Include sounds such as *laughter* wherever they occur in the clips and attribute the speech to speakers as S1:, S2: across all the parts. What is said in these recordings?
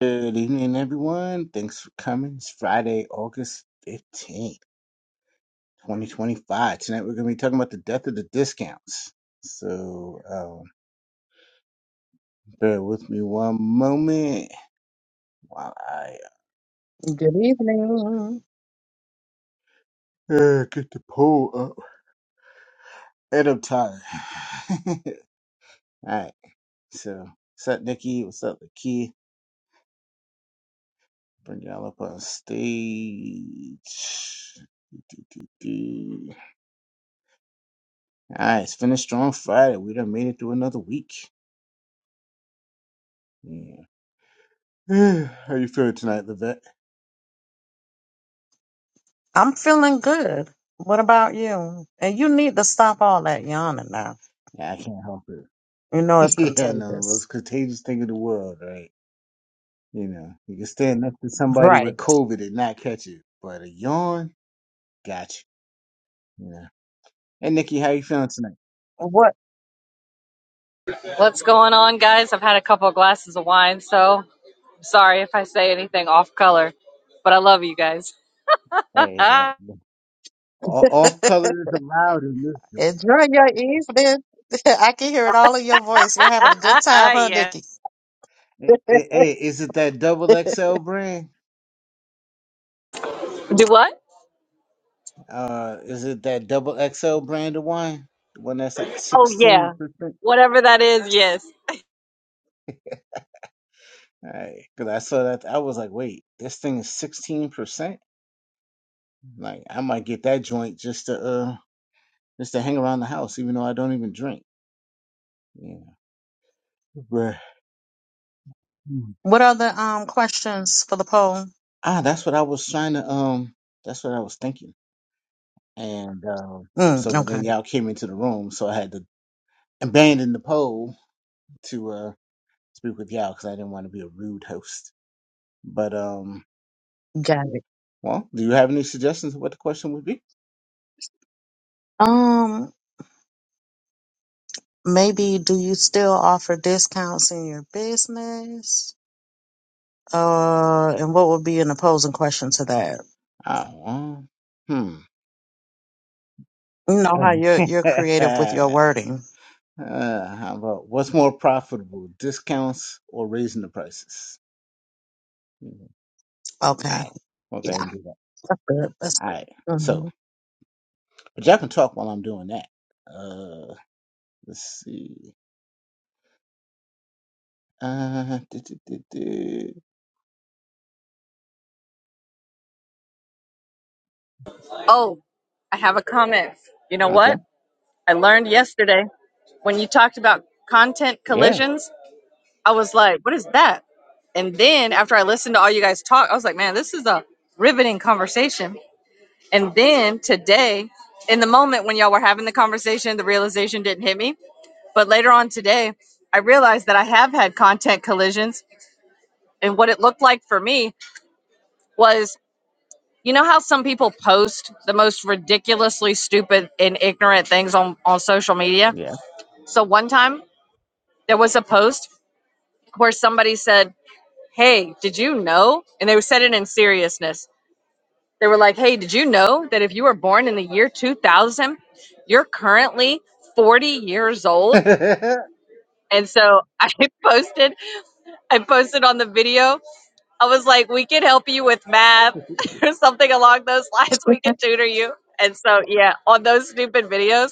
S1: Good evening, everyone. Thanks for coming. It's Friday, August 15th, 2025. Tonight we're going to be talking about the death of the discounts. So um, bear with me one moment while I
S2: Good evening.
S1: uh, get the poll up. And I'm tired. *laughs* All right. So, what's up, Nikki? What's up, Key? Bring y'all up on stage. Do, do, do. All right, it's finished strong Friday. We done made it through another week. Yeah. *sighs* How you feeling tonight, Levette?
S2: I'm feeling good. What about you? And you need to stop all that yawning now.
S1: Yeah, I can't help
S2: You know it's
S1: it. *laughs* yeah, no, the
S2: contagious.
S1: most contagious thing in the world, right? You know, you can stand next to somebody
S2: Right.
S1: with COVID and not catch it, but a yawn got you. You know. Hey, Nikki, how you feeling tonight?
S2: What?
S3: What's going on, guys? I've had a couple of glasses of wine, so sorry if I say anything off color, but I love you guys. *laughs*
S1: Hey, man.
S3: yeah.
S1: Off
S2: *laughs*
S1: color is allowed in this room.
S2: Enjoy your evening. *laughs* I can hear it all in your voice. You're having a good time, huh, Nikki?
S1: Hey, hey, hey, is it that double
S2: *laughs*
S1: XL brand?
S3: Do what?
S1: Uh, is it that double XL brand of wine? The one that's like
S3: Oh,
S1: sixteen
S3: yeah.
S1: percent.
S3: Whatever that is, yes.
S1: All right, because I saw that, I was like, wait, this thing is sixteen percent. Like I might get that joint just to uh just to hang around the house, even though I don't even drink. Yeah, but hmm.
S2: What are the um questions for the poll?
S1: ah, that's what I was trying to um, that's what I was thinking. And um, so,
S2: Mm,
S1: but then
S2: okay,
S1: y'all came into the room, so I had to abandon the poll to uh speak with y'all because I didn't want to be a rude host. But um,
S2: got it.
S1: well, do you have any suggestions of what the question would be?
S2: Um, maybe do you still offer discounts in your business? Uh, and what would be an opposing question to that?
S1: Oh, um,
S2: No, how you're you're
S1: hmm.
S2: creative with your
S1: *laughs*
S2: wording.
S1: Uh, how about what's more profitable, discounts or raising the prices? Mhm. All
S2: Okay,
S1: right, we'll go ahead
S2: yeah,
S1: and do that.
S2: that's good. That's
S1: All
S2: good.
S1: right, so
S2: hmm
S1: but y'all can talk while I'm doing that. Uh, let's see. Uh, do, do, do, do.
S3: Oh, I have a comment. You know
S1: okay,
S3: what? I learned yesterday when you talked about content
S1: yeah,
S3: collisions, I was like, what is that? And then after I listened to all you guys talk, I was like, man, this is a riveting conversation And then today, in the moment when y'all were having the conversation, the realization didn't hit me. But later on today, I realized that I have had content collisions. And what it looked like for me was you know how some people post the most ridiculously stupid and ignorant things on, on social media?
S1: yeah.
S3: So one time there was a post where somebody said, Hey, did you know? And they said it in seriousness They were like, hey, did you know that if you were born in the year 2000, you're currently 40 years old?
S1: *laughs*
S3: And so I *laughs* posted, I posted on the video, I was like, we can help you with math *laughs* or something along those lines. We can
S2: *laughs*
S3: tutor you. And so, yeah, on those stupid videos,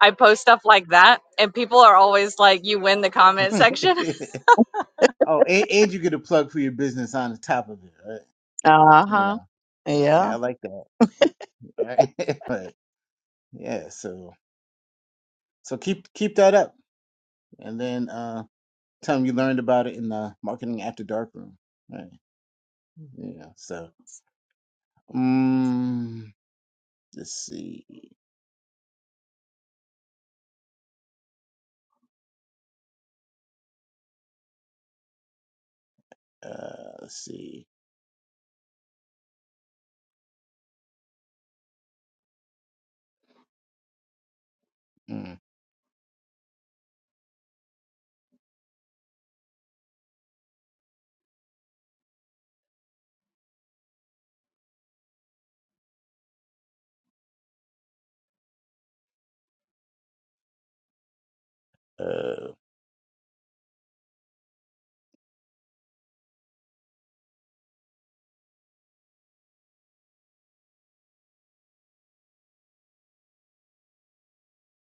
S3: I post stuff like that. And people are always like, you win the comment section.
S1: oh, and, and you get a plug for your business on the top of it, right?
S2: uh
S1: You
S2: huh.
S1: know, yeah, I
S2: Yeah.
S1: like that. All right, *laughs* right. yeah. So, so keep keep that up, and then uh. time you learned about it in the marketing after dark room right yeah so um let's see uh let's see mm, uh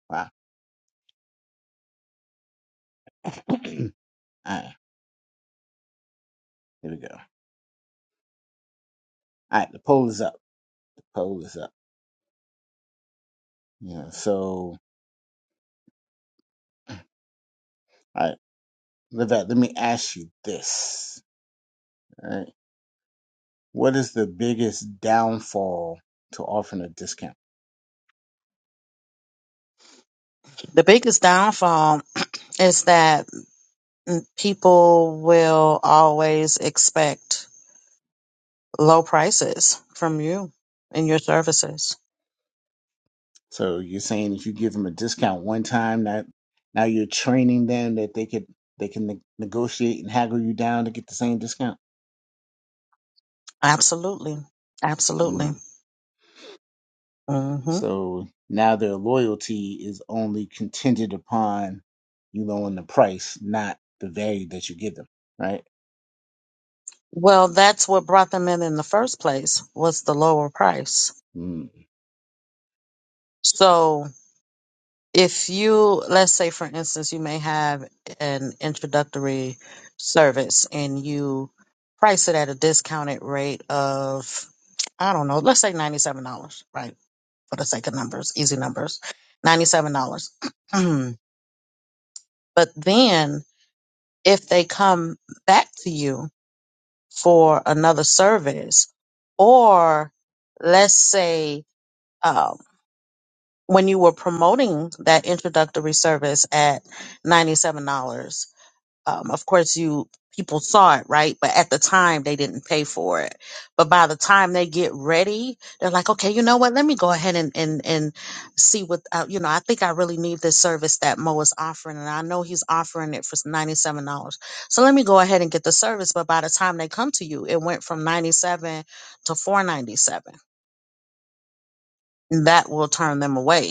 S1: wow *coughs* *clears throat* all right here we go all right the poll is up the poll is up yeah so all right Levette, let me ask you this all right what is the biggest downfall to offering a discount
S2: The biggest downfall is that mm, people will always expect low prices from you and your services.
S1: So you're saying if you give them a discount one time, that now you're training them that they could they can ne- negotiate and haggle you down to get the same discount.
S2: Absolutely, absolutely.
S1: Mm.
S2: hmm
S1: So now their loyalty is only contingent upon you lowering the price, not the value that you give them, right?
S2: Well, that's what brought them in in the first place was the lower price.
S1: Mm.
S2: So if you let's say for instance you may have an introductory service and you price it at a discounted rate of i don't know let's say $97 right for the sake of numbers easy numbers $97 *clears throat* but then if they come back to you for another service or let's say um, when you were promoting that introductory service at $97 um, of course you people saw it right but at the time they didn't pay for it but by the time they get ready they're like okay you know what let me go ahead and and, and see what uh, you know i think i really need this service that mo is offering and i know he's offering it for $97 so let me go ahead and get the service but by the time they come to you it went from 97 to 497 and that will turn them away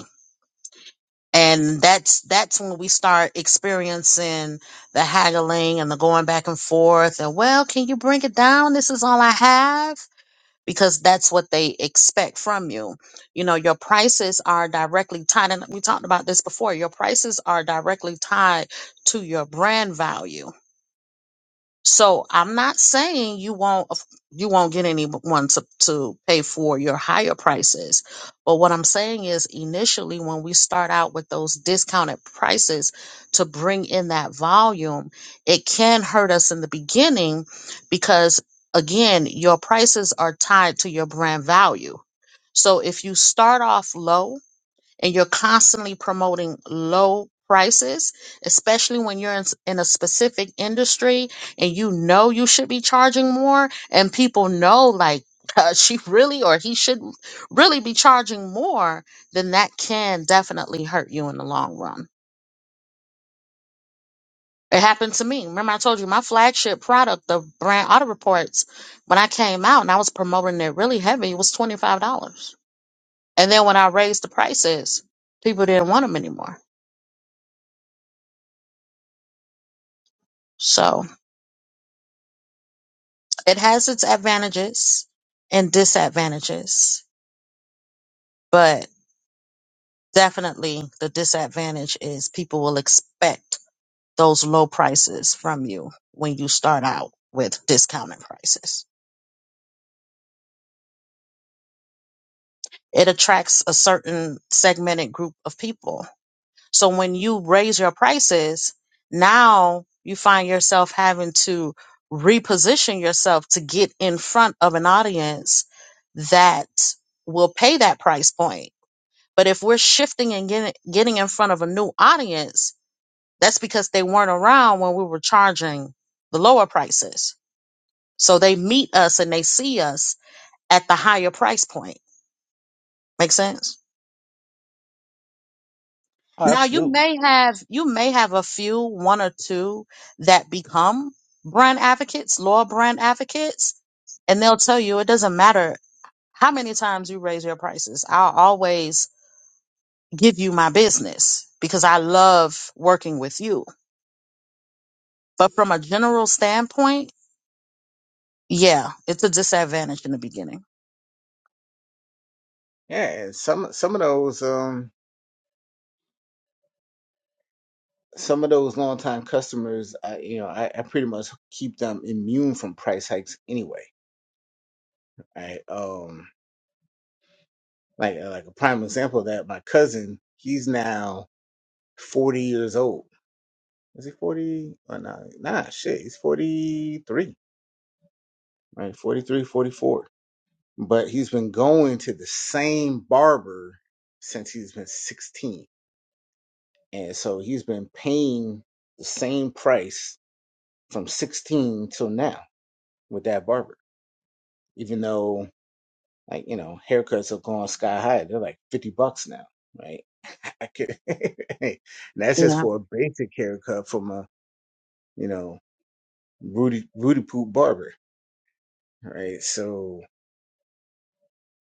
S2: and that's that's when we start experiencing the haggling and the going back and forth and well can you bring it down this is all i have because that's what they expect from you you know your prices are directly tied and we talked about this before your prices are directly tied to your brand value so I'm not saying you won't you won't get anyone to, to pay for your higher prices. But what I'm saying is initially when we start out with those discounted prices to bring in that volume, it can hurt us in the beginning because again, your prices are tied to your brand value. So if you start off low and you're constantly promoting low prices, especially when you're in, s- in a specific industry and you know you should be charging more, and people know like *laughs* uh, she really or he should really be charging more, then that can definitely hurt you in the long run. It happened to me. Remember, I told you my flagship product, the brand Auto Reports, when I came out and I was promoting it really heavy, it was $25. And then when I raised the prices, people didn't want them anymore. So. It has its advantages and disadvantages, but definitely the disadvantage is people will expect those low prices from you when you start out with discounted prices. It attracts a certain segmented group of people. So when you raise your prices, now you find yourself having to reposition yourself to get in front of an audience that will pay that price point But if we're shifting and getting getting in front of a new audience, that's because they weren't around when we were charging the lower prices. So they meet us and they see us at the higher price point. Make sense?
S1: Oh,
S2: Now you
S1: absolutely.
S2: may have you may have a few, one or two that become brand advocates, loyal brand advocates, and they'll tell you it doesn't matter how many times you raise your prices. I'll always give you my business because I love working with you But from a general standpoint, yeah, it's a disadvantage in the beginning.
S1: Yeah, and some some of those um some of those longtime customers, I you know, I, I pretty much keep them immune from price hikes anyway. Right. Um Like uh, like a prime example of that, my cousin, he's now forty years old. Is he forty? Or nah, nah, shit, he's forty three, right? 43 44 But he's been going to the same barber since he's been sixteen, and so he's been paying the same price from sixteen till now with that barber, even though Like, you know, haircuts have gone sky high. They're like 50 bucks now, right? *laughs* I could, *laughs* and that's just
S2: Yeah.
S1: for a basic haircut from a, you know, Rudy, Rudy Poop barber, right? So,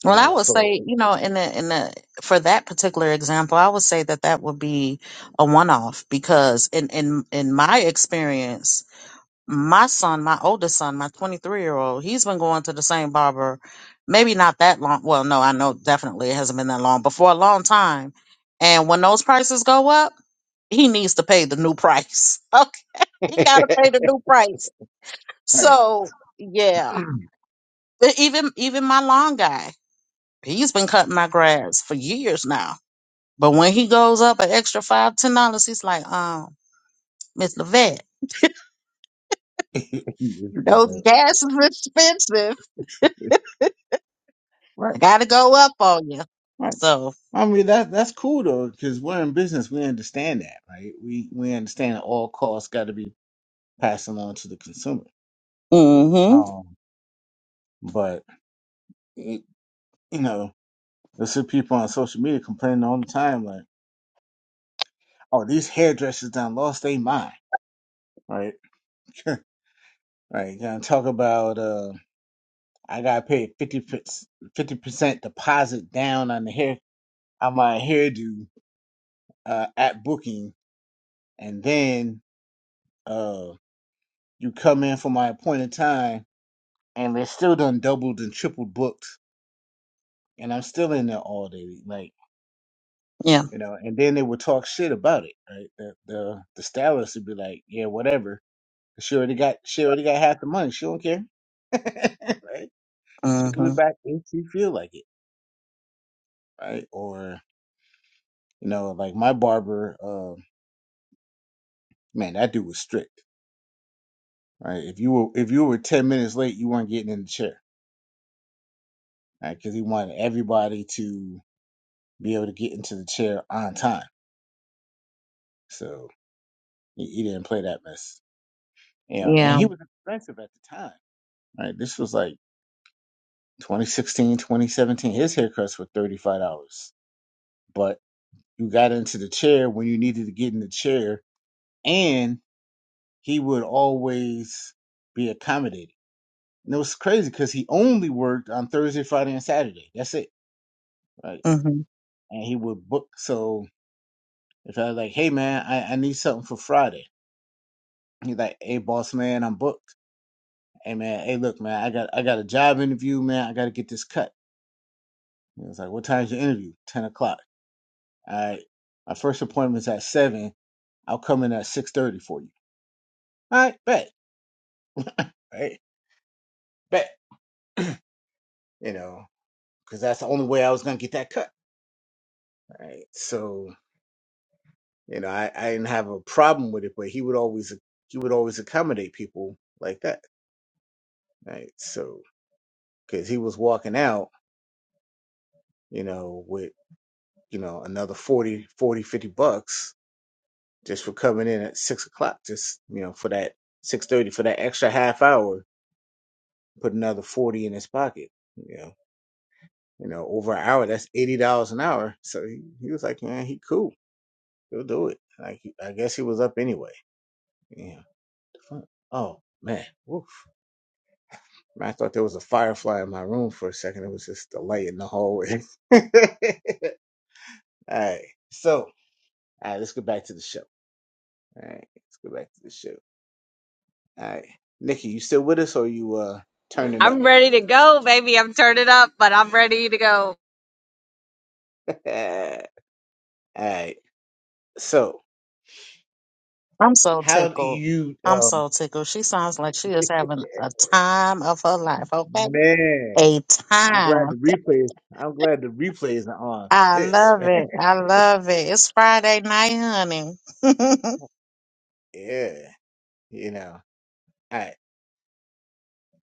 S1: you
S2: Well, I
S1: know,
S2: would say,
S1: so,
S2: you know, in the in the for that particular example, I would say that that would be a one-off because in in in my experience, my son, my oldest son, my 23-year-old, he's been going to the same barber maybe not that long. Well, no, I know definitely it hasn't been that long, but for a long time. And when those prices go up, he needs to pay the new price. *laughs*
S1: *laughs*
S2: Okay. He got to pay the new price
S1: right.
S2: So yeah,
S1: *laughs*
S2: but even even my lawn guy, he's been cutting my grass for years now. But when he goes up an extra five ten dollars, he's like, um, Miss Levette, you gas is expensive.
S1: Right,
S2: I gotta go up on you.
S1: right.
S2: So
S1: I mean that that's cool though, because we're in business. We understand that, right? We we understand that all costs got to be passing on to the consumer.
S2: mm hmm
S1: Um, but it, you know. You'll see people on social media complaining all the time, like, "Oh, these hairdressers done lost they mind." Right? *laughs* right? Gonna talk about uh, I gotta pay 50 percent deposit down on the hair on my hairdo uh at booking, and then uh you come in for my appointed time, and they're still done doubled and tripled booked, and I'm still in there all day, like.
S2: yeah
S1: You know, and then they would talk shit about it, right? The the the stylist would be like, "Yeah, whatever," She already got she already got half the money. She don't care. *laughs* right? She'll
S2: mm
S1: give it
S2: hmm
S1: back if she feel like it. Right? Or, you know, like my barber, uh, man, that dude was strict. Right. If you were if you were ten minutes late, you weren't getting in the chair. Right? Because he wanted everybody to be able to get into the chair on time. So he, he didn't play that mess. You know, and
S2: yeah
S1: he was expensive at the time. Right. This was like twenty sixteen, twenty seventeen. 2017. His haircuts were thirty five dollars. but. You got into the chair when you needed to get in the chair, and he would always be accommodated. And it was crazy because he only worked on Thursday, Friday, and Saturday. That's it, right?
S2: mm hmm
S1: And he would book. So if I was like, "Hey man, I, I need something for Friday," he's like, "Hey boss man, I'm booked. Hey man, hey look man, I got I got a job interview, man. I got to get this cut." He was like, "What time's your interview? Ten o'clock. All right. My first appointment's at seven. I'll come in at six thirty for you. All right, bet. All right, bet. you know, because that's the only way I was gonna get that cut. Right. So, you know, I, I didn't have a problem with it, but he would always he would always accommodate people like that. Right. So, because he was walking out, you know, with you know another 40 40 50 bucks just for coming in at six o'clock, just you know for that six thirty for that extra half hour, put another forty in his pocket. You know, you know, over an hour, that's eighty dollars an hour. So he, he was like, man, he cool, he'll do it. Like he- I guess he was up anyway Yeah. Fuck. Oh man. Woof. Man, I thought there was a firefly in my room for a second. It was just a light in the hallway. *laughs* all right. So, all right. Let's get back to the show. All right. Let's go back to the show. All right. Nikki, you still with us or you uh
S3: *laughs*
S1: turning up?
S3: I'm ready to go, baby. I'm turning up, but I'm ready to go.
S1: *laughs* all right. So,
S2: I'm so
S1: how do
S2: tickled.
S1: you
S2: I'm
S1: um
S2: so tickled. She sounds like she
S1: *laughs*
S2: is having a time of her life. Okay,
S1: man?
S2: a
S1: I'm
S2: time.
S1: glad the replay. I'm glad the replays are on
S2: I
S1: this.
S2: love
S1: Right?
S2: it. I love it. It's Friday night, honey. *laughs* no,
S1: *laughs* Yeah. You know. All right.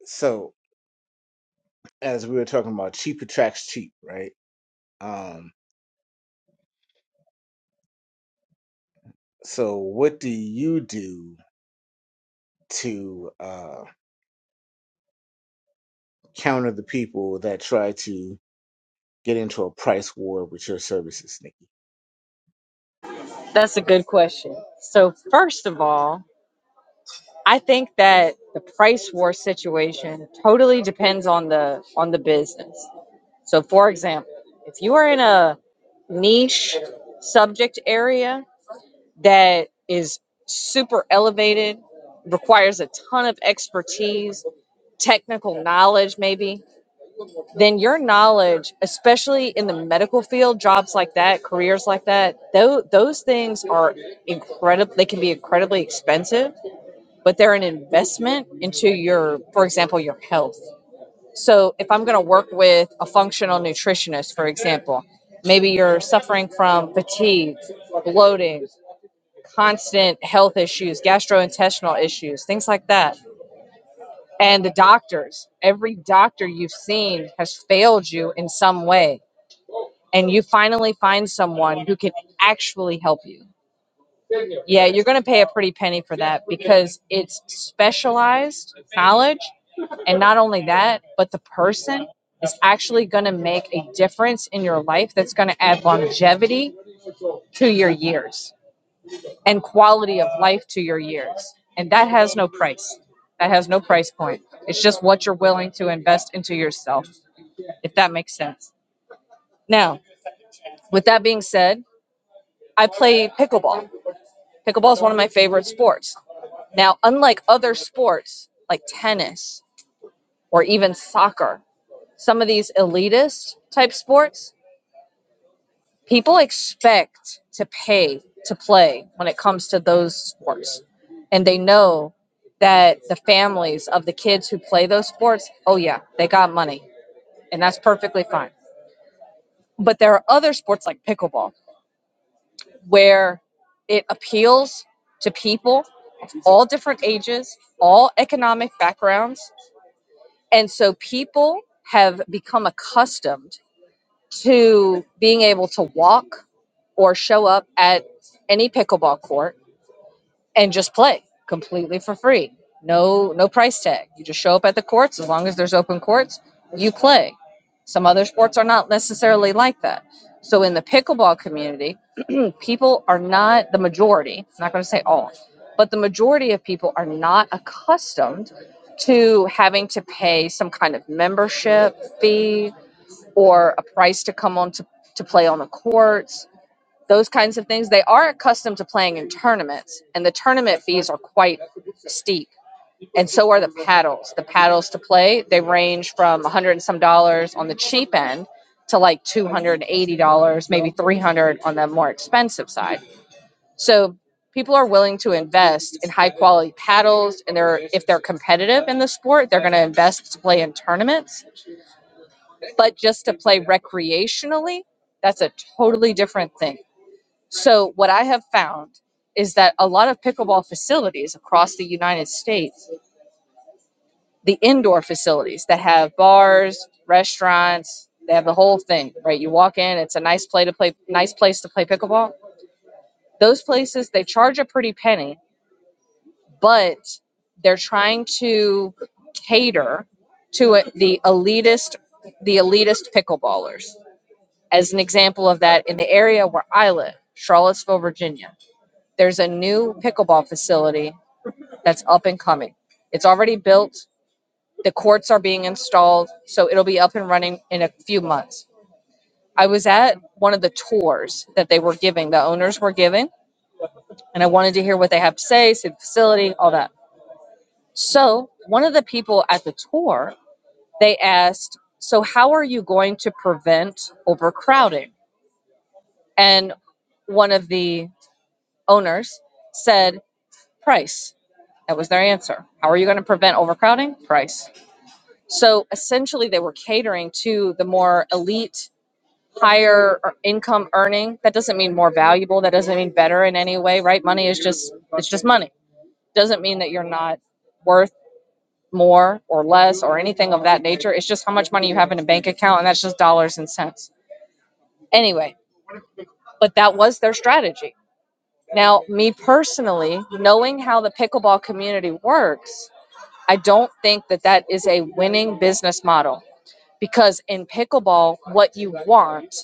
S1: So. as we were talking about, cheap attracts cheap, right? Um, so what do you do to uh, counter the people that try to get into a price war with your services, Nikki?
S3: That's a good question. So, first of all, I think that the price war situation totally depends on the on the business. So for example, if you are in a niche subject area that is super elevated, requires a ton of expertise, technical knowledge, maybe, then your knowledge, especially in the medical field, jobs like that, careers like that, those, those things are incredible. They can be incredibly expensive but they're an investment into your, for example, your health. So if I'm going to work with a functional nutritionist, for example, maybe you're suffering from fatigue, bloating, constant health issues, gastrointestinal issues, things like that. And the doctors, every doctor you've seen has failed you in some way. And you finally find someone who can actually help you Yeah, you're going to pay a pretty penny for that because it's specialized knowledge. And not only that, but the person is actually going to make a difference in your life that's going to add longevity to your years and quality of life to your years. And that has no price. That has no price point. It's just what you're willing to invest into yourself, if that makes sense. Now, with that being said, I play pickleball. Pickleball is one of my favorite sports. Now, unlike other sports like tennis or even soccer, some of these elitist type sports, people expect to pay to play when it comes to those sports. And they know that the families of the kids who play those sports, oh, yeah, they got money. And that's perfectly fine. But there are other sports like pickleball where it appeals to people of all different ages, all economic backgrounds And so people have become accustomed to being able to walk or show up at any pickleball court and just play completely for free. No no price tag. You just show up at the courts as long as there's open courts, you play. Some other sports are not necessarily like that. So in the pickleball community, people are not the majority i'm not going to say all but the majority of people are not accustomed to having to pay some kind of membership fee or a price to come on to, to play on the courts those kinds of things they are accustomed to playing in tournaments and the tournament fees are quite steep and so are the paddles the paddles to play they range from 100 and some dollars on the cheap end to like $280 maybe 300 on the more expensive side so people are willing to invest in high quality paddles, and they're if they're competitive in the sport, they're going to invest to play in tournaments. But just to play recreationally, that's a totally different thing. So what I have found is that a lot of pickleball facilities across the United States, the indoor facilities that have bars, restaurants, they have the whole thing, right? You walk in, it's a nice play to play, nice place to play pickleball. Those places they charge a pretty penny but they're trying to cater to it, the elitist the elitist pickleballers as an example of that in the area where i live charlottesville virginia there's a new pickleball facility that's up and coming it's already built the courts are being installed so it'll be up and running in a few months i was at one of the tours that they were giving the owners were giving and i wanted to hear what they have to say see the facility all that So, one of the people at the tour, they asked, "So how are you going to prevent overcrowding?" And one of the owners said, "Price." That was their answer. How are you going to prevent overcrowding? Price. So, essentially they were catering to the more elite higher ear- income earning that doesn't mean more valuable that doesn't mean better in any way right money is just it's just money doesn't mean that you're not worth more or less or anything of that nature. It's just how much money you have in a bank account, and that's just dollars and cents. Anyway, but that was their strategy. Now, me personally, knowing how the pickleball community works, I don't think that that is a winning business model because in pickleball, what you want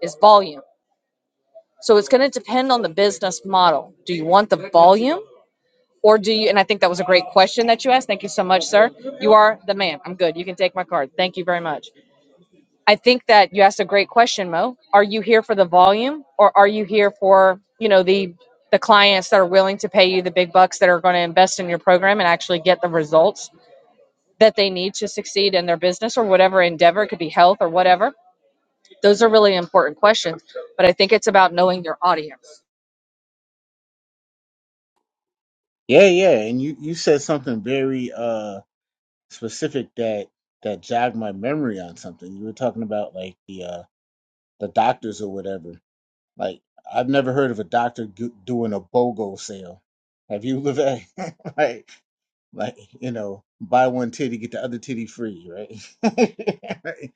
S3: is volume. So it's going to depend on the business model. Do you want the volume? Or do you, and I think that was a great question that you asked. Thank you so much, sir. You are the man. I'm good. You can take my card. Thank you very much. I think that you asked a great question, Mo. Are you here for the volume or are you here for, you know, the the clients that are willing to pay you the big bucks that are going to invest in your program and actually get the results that they need to succeed in their business or whatever endeavor, it could be health or whatever. Those are really important questions, but I think it's about knowing your audience.
S1: Yeah, yeah, and you you said something very uh specific that that jogged my memory on something. You were talking about like the uh the doctors or whatever. Like I've never heard of a doctor g- doing a BOGO sale. Have you, Levay? *laughs* like like you know buy one titty get the other titty free right *laughs* Right?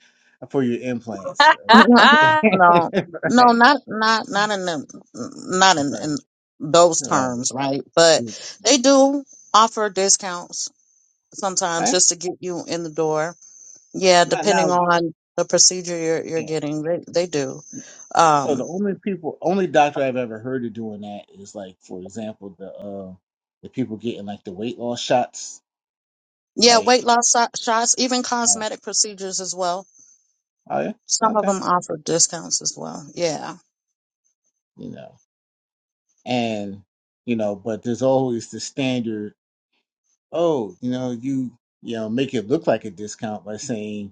S1: for your implants
S3: *laughs*
S1: right Like,
S2: no, no,
S1: right
S2: not not not in them, not
S1: *laughs*
S2: in,
S1: right, right.
S2: in those
S1: right.
S2: terms, right? But
S1: Yeah.
S2: they do offer discounts sometimes
S1: I,
S2: just to get you in the door. Yeah,
S1: now
S2: depending
S1: now,
S2: on the procedure you're you're
S1: yeah.
S2: getting, they they do.
S1: so the
S2: Um,
S1: only people only doctor i've ever heard of doing that is like for example the uh the people getting like the weight loss shots
S2: yeah,
S1: like
S2: weight loss so- shots, even
S1: uh,
S2: cosmetic procedures as well.
S1: oh yeah
S2: Some of
S1: okay
S2: them offer discounts as well. Yeah.
S1: you know and you know but there's always the standard oh you know you you know make it look like a discount by saying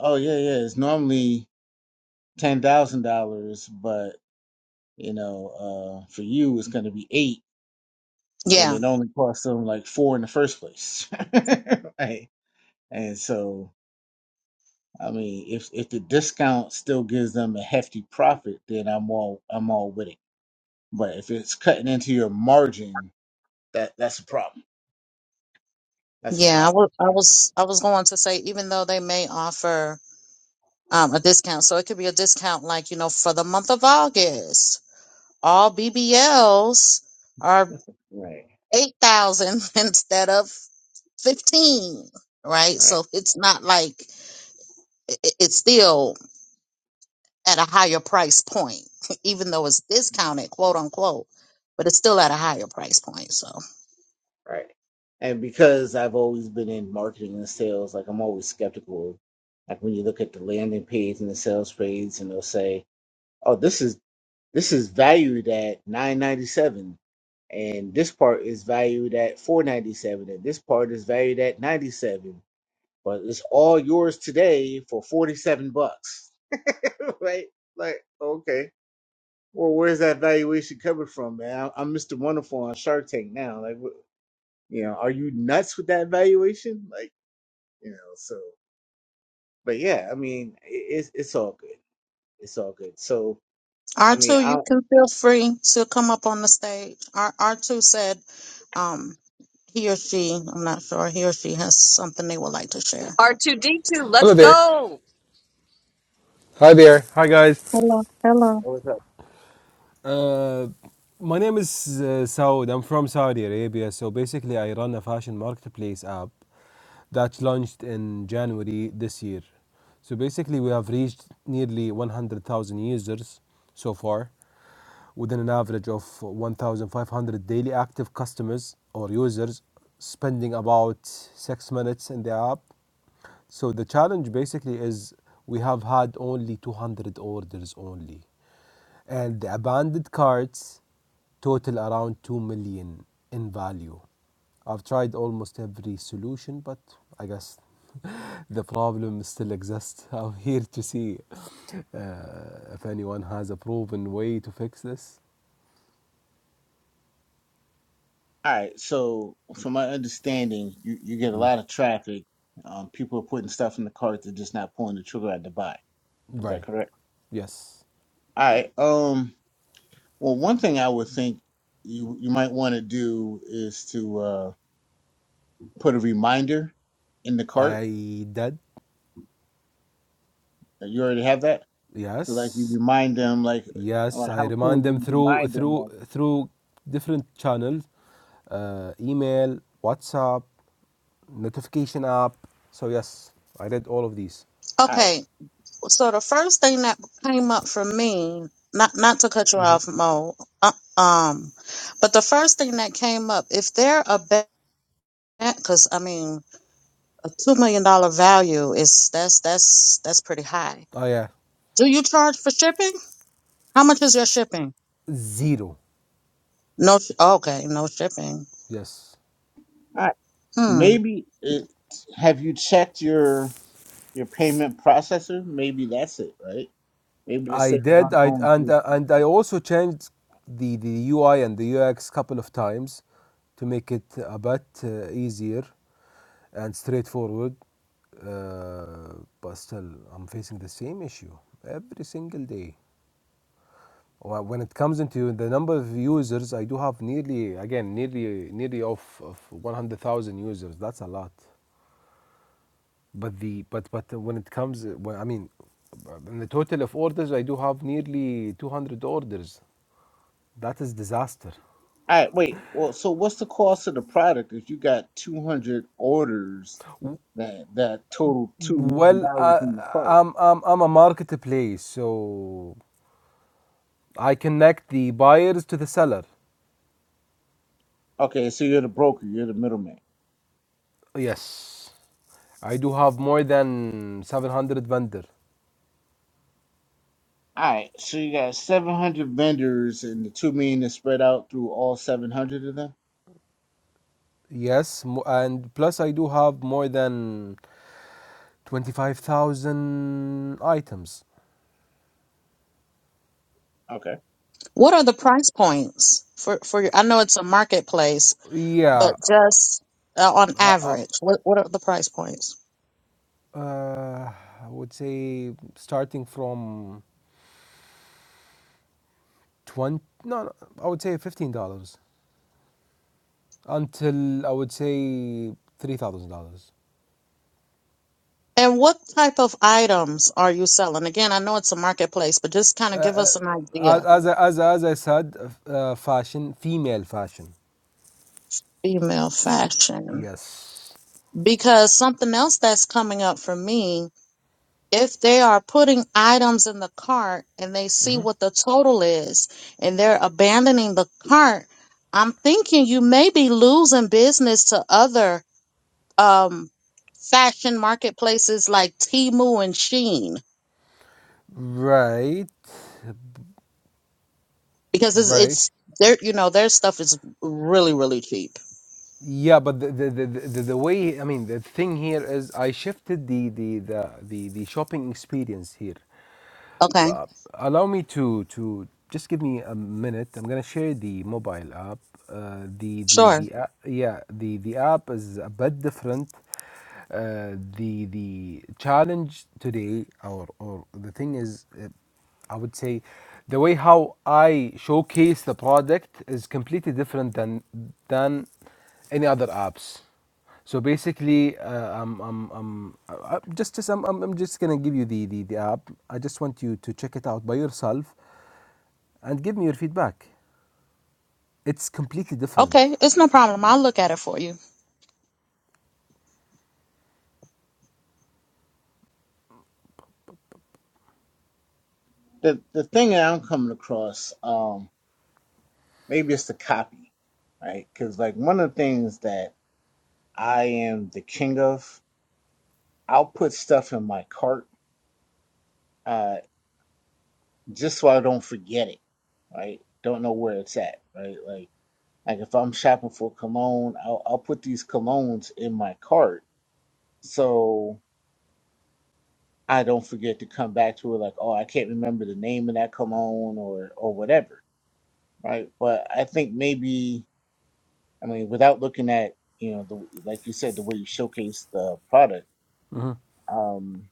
S1: Oh yeah, yeah. It's normally ten thousand dollars, but you know, uh, for you it's gonna be eight when
S2: Yeah.
S1: it only cost them like four in the first place. *laughs* right. And so, I mean, if if the discount still gives them a hefty profit, then I'm all I'm all with it. But if it's cutting into your margin, that that's a problem. That's a
S2: Yeah, I
S1: problem.
S2: wa- I
S1: Yeah.
S2: was I was going to say even though they may offer um, a discount, so it could be a discount like you know for the month of August, all BBLs are
S1: Right.
S2: eight thousand *laughs* instead of fifteen, right?
S1: Right,
S2: So it's not like i- i- it's still at a higher price point, *laughs* even though it's discounted, quote unquote, but it's still at a higher price point. So.
S1: right. And because I've always been in marketing and sales, like I'm always skeptical. Like when you look at the landing page and the sales page, and they'll say, "Oh, this is this is valued at nine ninety seven, and this part is valued at four ninety seven, and this part is valued at ninety seven, but it's all yours today for forty seven bucks." *laughs* right? Like, okay, well, where's that valuation coming from, man? I- I'm Mr. Wonderful on Shark Tank now. Like, you know, are you nuts with that valuation? Like, you know, so, but yeah, I mean, i it's it's all good. It's all good. So, I mean,
S2: R2, you
S1: I
S2: can feel free to come up on the stage. R- R2 said um, he or she, I'm not sure, he or she has something they would like to share.
S3: Our
S4: Hello there. Hi there. Hi guys.
S2: Hello, hello.
S1: what's up?
S4: Uh, my name is uh, Saud. I'm from Saudi Arabia. So basically, I run a fashion marketplace app that launched in January this year. So basically, we have reached nearly 100,000 users so far. Within an average of 1,500 daily active customers or users spending about six minutes in the app. So the challenge basically is we have had only 200 orders only. And the abandoned carts total around 2 million in value. I've tried almost every solution, but I guess *laughs* the problem still exists. *laughs* I'm here to see uh, if anyone has a proven way to fix this.
S1: All right. So, from my understanding, you you get a lot of traffic. Um, people are putting stuff in the cart; they're just not pulling the trigger at the buy. Is that
S4: Right.
S1: correct?
S4: Yes.
S1: All right. Um. Well, one thing I would think you you might want to do is to uh, put a reminder in the cart.
S4: I did.
S1: You already have that. So like you
S4: Yes.
S1: remind them like,
S4: Yes.
S1: like
S4: I
S1: how soon
S4: remind
S1: do
S4: them
S1: you
S4: through
S1: remind them
S4: through
S1: like,
S4: through different channels, uh, email, WhatsApp, notification app. So yes, I did all of these.
S1: all right,
S2: Okay, so the first thing that came up for me, not not to cut you off, Mo, uh, um, but the first thing that came up, if they're a bet, because I mean, a two million dollar value is that's that's that's pretty high.
S4: Oh yeah,
S2: Do you charge for shipping? How much is your shipping?
S4: zero.
S2: No, sh- okay, no shipping.
S4: Yes,
S1: all right,
S2: Hmm.
S1: maybe it, have you checked your your payment processor? Maybe that's it, right? Maybe the
S4: I
S1: same not
S4: did. I
S1: going
S4: and
S1: through.
S4: uh, and I also changed the the UI and the UX couple of times to make it a bit uh, easier and straightforward. Uh, but still, I'm facing the same issue every single day. Wh- When it comes into the number of users, I do have nearly again nearly nearly of, of 100,000 users. That's a lot. But the but but when it comes, when, I mean, in the total of orders, I do have nearly 200 orders. That is disaster.
S1: All right, wait. Well, so what's the cost of the product if you got two hundred orders that that total two million
S4: Well,
S1: dollars
S4: uh,
S1: in your cart?
S4: I'm, I'm I'm a marketplace, so I connect the buyers to the seller.
S1: Okay, so you're the broker, you're the middleman.
S4: Yes, I do have more than 700 vendor.
S1: All right, so you got seven hundred vendors, and the two million is spread out through all seven hundred of them.
S4: Yes, mo- and plus I do have more than 25,000 items.
S1: Okay.
S2: What are the price points for for your, I know it's a marketplace, but
S4: Yeah,
S2: just uh, on
S4: I, I
S2: average, what what are the price points?
S4: Uh, I would say starting from 20, no, no, I would say $15 until I would say $3,000.
S2: And what type of items are you selling? Again, I know it's a marketplace, but just kind of give us an
S4: As,
S2: idea.
S4: as, I- as, as I said, uh, fashion, female fashion.
S2: Female fashion.
S4: Yes.
S2: Because something else that's coming up for me, if they are putting items in the cart and they see what the total is and they're abandoning the cart, I'm thinking you may be losing business to other um fashion marketplaces like Temu and Sheen
S4: Right.
S2: because it's
S4: Right.
S2: it's their you know their stuff is really really cheap.
S4: Yeah, but the, the, the, the, the way, I mean, the thing here is I shifted the, the, the, the, the shopping experience here.
S2: Okay.
S4: allow me to to just give me a minute. I'm gonna share the mobile app. Uh, the the
S2: Sure.
S4: the app, yeah the the app is a bit different. Uh, the the challenge today, or or the thing is, uh, I would say, the way how I showcase the product is completely different than than any other apps. So basically, uh, um, um, um, uh, uh, just, just, I'm, I'm I'm just gonna give you the, the, the app. I just want you to check it out by yourself, and give me your feedback. It's completely different.
S2: Okay, it's no problem. I'll look at it for you.
S1: the the thing that I'm coming across, um, maybe it's the copy, right? Because like one of the things that I am the king of, I'll put stuff in my cart, uh, just so I don't forget it, right? Don't know where it's at, right? Like like if I'm shopping for cologne, I'll I'll put these colognes in my cart so I don't forget to come back to it. Like oh, I can't remember the name of that cologne or or whatever, right? But I think maybe. I mean, without looking at you know the like you said the way you showcase the product, um,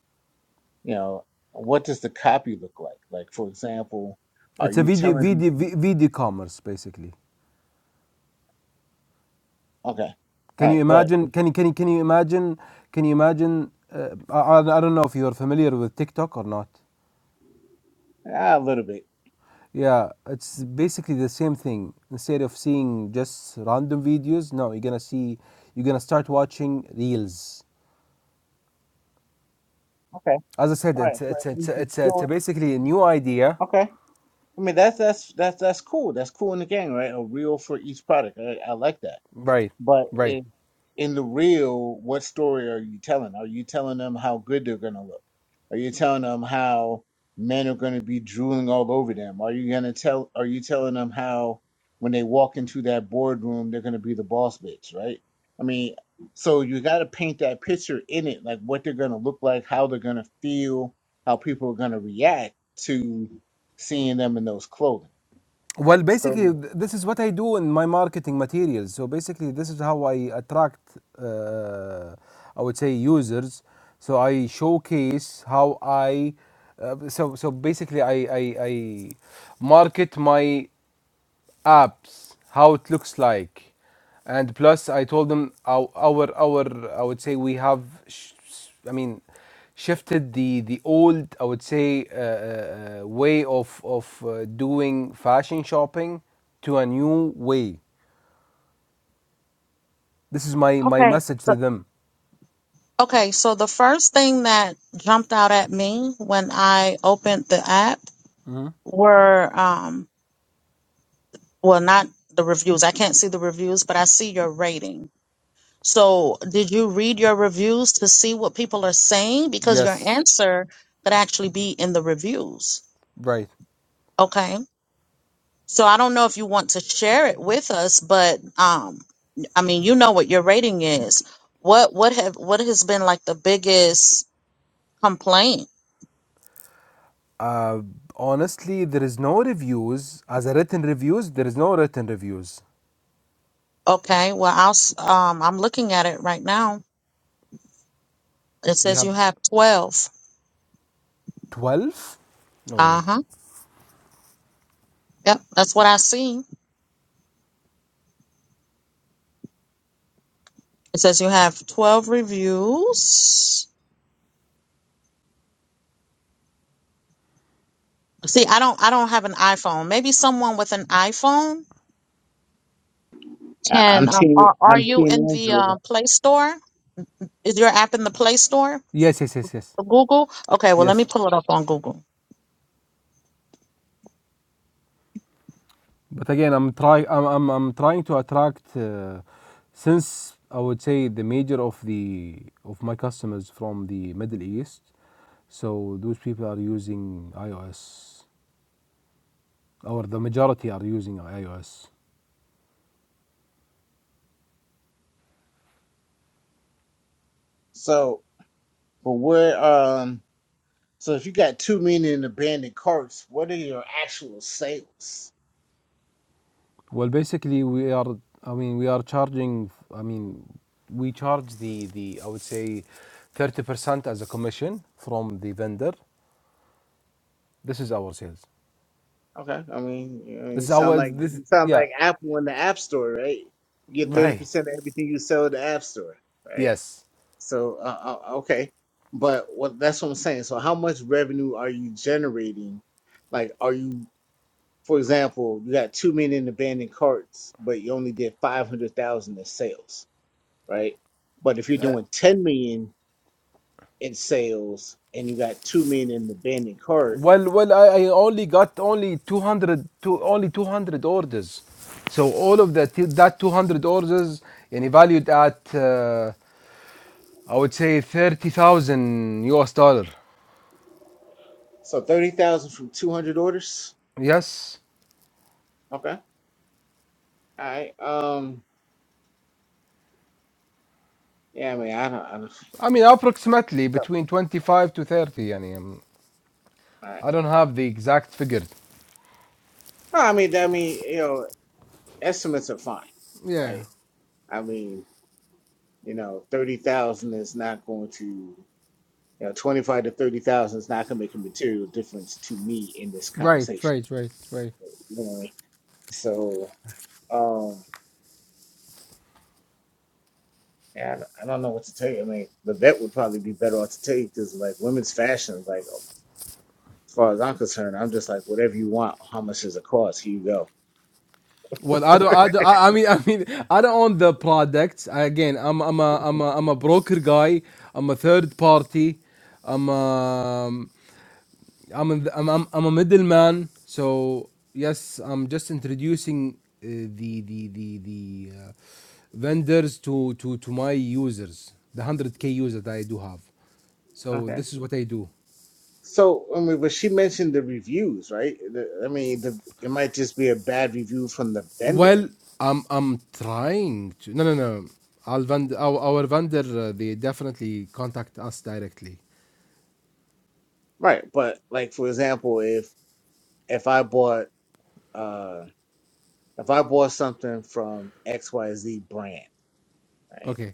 S1: you know, what does the copy look like? Like for example, are
S4: It's a
S1: you
S4: video,
S1: telling?
S4: video, vi- video commerce basically.
S1: Okay, all
S4: Can
S1: right,
S4: you
S1: but
S4: imagine? Can you, can you, can you imagine? Can you imagine? Uh, I, I I don't know if you're familiar with TikTok or not.
S1: ah, a little bit.
S4: Yeah, it's basically the same thing. Instead of seeing just random videos, no, you're gonna see, you're gonna start watching reels
S1: Okay,
S4: As I said,
S1: all right,
S4: it's
S1: but
S4: it's it's,
S1: he's just
S4: it's, it's
S1: doing.
S4: basically a new idea.
S1: Okay, I mean that's that's that's that's cool. That's cool in the game, right? A reel for each product. I, I like that.
S4: Right,
S1: But
S4: right.
S1: in, in the real, what story are you telling? Are you telling them how good they're going to look? Are you telling them how men are going to be drooling all over them? Are you going to tell? Are you telling them how when they walk into that boardroom they're going to be the boss bitch, right? I mean, so you got to paint that picture in it, like what they're going to look like, how they're going to feel, how people are going to react to seeing them in those clothing,
S4: Well,
S1: right?
S4: basically,
S1: So
S4: this is what I do in my marketing materials. So basically, this is how I attract, uh, I would say, users. So I showcase how I, uh, so so basically, I I, I market my apps, how it looks like, and plus I told them our our, our I would say we have, sh- I mean, shifted the the old I would say uh, uh, uh, way of of uh, doing fashion shopping to a new way. This is my my
S2: Okay.
S4: message
S2: So,
S4: to them.
S2: okay, so the first thing that jumped out at me when I opened the app were um well not the reviews. I can't see the reviews, but I see your rating So, did you read your reviews to see what people are saying? Because your
S4: Yes,
S2: answer could actually be in the reviews.
S4: right.
S2: Okay. So, I don't know if you want to share it with us, but um, I mean, you know what your rating is. What what have what has been like the biggest complaint?
S4: Honestly, there is no reviews as a written reviews. There is no written reviews.
S2: Okay. Well, I'll s- um, I'm looking at it right now. It
S4: They
S2: says you
S4: have
S2: have twelve.
S4: twelve. No
S2: Uh
S4: way.
S2: huh. Yep, that's what I see. It says you have twelve reviews. See, I don't I don't have an iPhone. Maybe someone with an iPhone
S1: I-
S2: can
S1: I'm
S2: um,
S1: team,
S2: are are
S1: I'm
S2: you
S1: team
S2: in the uh,
S1: Android.
S2: Play Store? Is your app in the Play Store?
S4: Yes, yes, yes, yes,
S2: For Google? Okay, well let me
S4: yes.
S2: pull it up on Google.
S4: But again, I'm trying. I'm I'm, I'm trying to attract uh, since I would say the major of the of my customers from the Middle East. So those people are using iOS, or the majority are using iOS.
S1: So But where um so if you got two million abandoned carts, what are your actual sales?
S4: Well, basically, we are. I mean, we are charging. I mean, we charge the the I would say, thirty percent as a commission from the vendor. This is our sales.
S1: Okay. I mean, you, know,
S4: This
S1: you
S4: is
S1: sound
S4: our
S1: like
S4: this.
S1: you sound
S4: Yeah,
S1: like Apple in the App Store, right? You get thirty
S4: right.
S1: percent of everything you sell at the App Store, right?
S4: Yes.
S1: So uh, uh, okay, but what that's what I'm saying. So how much revenue are you generating? Like, are you, for example, you got two million abandoned carts, but you only did five hundred thousand in sales, right? But if you're
S4: Uh,
S1: doing 10 million in sales, and you got two million in the abandoned cart.
S4: Well, well, I, I only got only 200, only 200 orders. So all of that, that 200 orders, and valued at, uh, I would say 30,000 US dollar.
S1: So thirty thousand from two hundred orders.
S4: Yes.
S1: Okay. All right. Um. Yeah. I mean, I don't. I don't.
S4: I mean, approximately
S1: All
S4: between 25 to 30. I mean,
S1: right.
S4: I don't have the exact figure.
S1: Well, I mean, I mean, you know, estimates are fine,
S4: Yeah.
S1: right? I mean, you know, thirty thousand is not going to, you know, twenty-five to thirty thousand is not going to make a material difference to me in this
S4: Right,
S1: conversation.
S4: right, right, right.
S1: You know what I mean? So, um, yeah, I don't I don't know what to tell you. I mean, the vet would probably be better off to tell you because, like, women's fashion, like, As far as I'm concerned, I'm just like, whatever you want, how much does it cost? Here you go.
S4: Well, I don't, I don't, I I mean, I mean, I don't own the products. Again, I'm, I'm a, I'm a, I'm a broker guy. I'm a third party. I'm, i I'm, a, I'm, I'm, I'm a middleman. So yes, I'm just introducing uh, the, the, the, the uh, vendors to, to, to my users, the hundred k users that I do have. So
S1: Okay.
S4: this is what I do.
S1: So, I mean, but she mentioned the reviews, right? The- I mean, the, it might just be a bad review from the vendor,
S4: Well, I'm I'm trying to. No, no, no. I'll our, our vendor. Uh, they definitely contact us directly.
S1: right? But like, for example, if if I bought uh if I bought something from XYZ brand, right?
S4: Okay.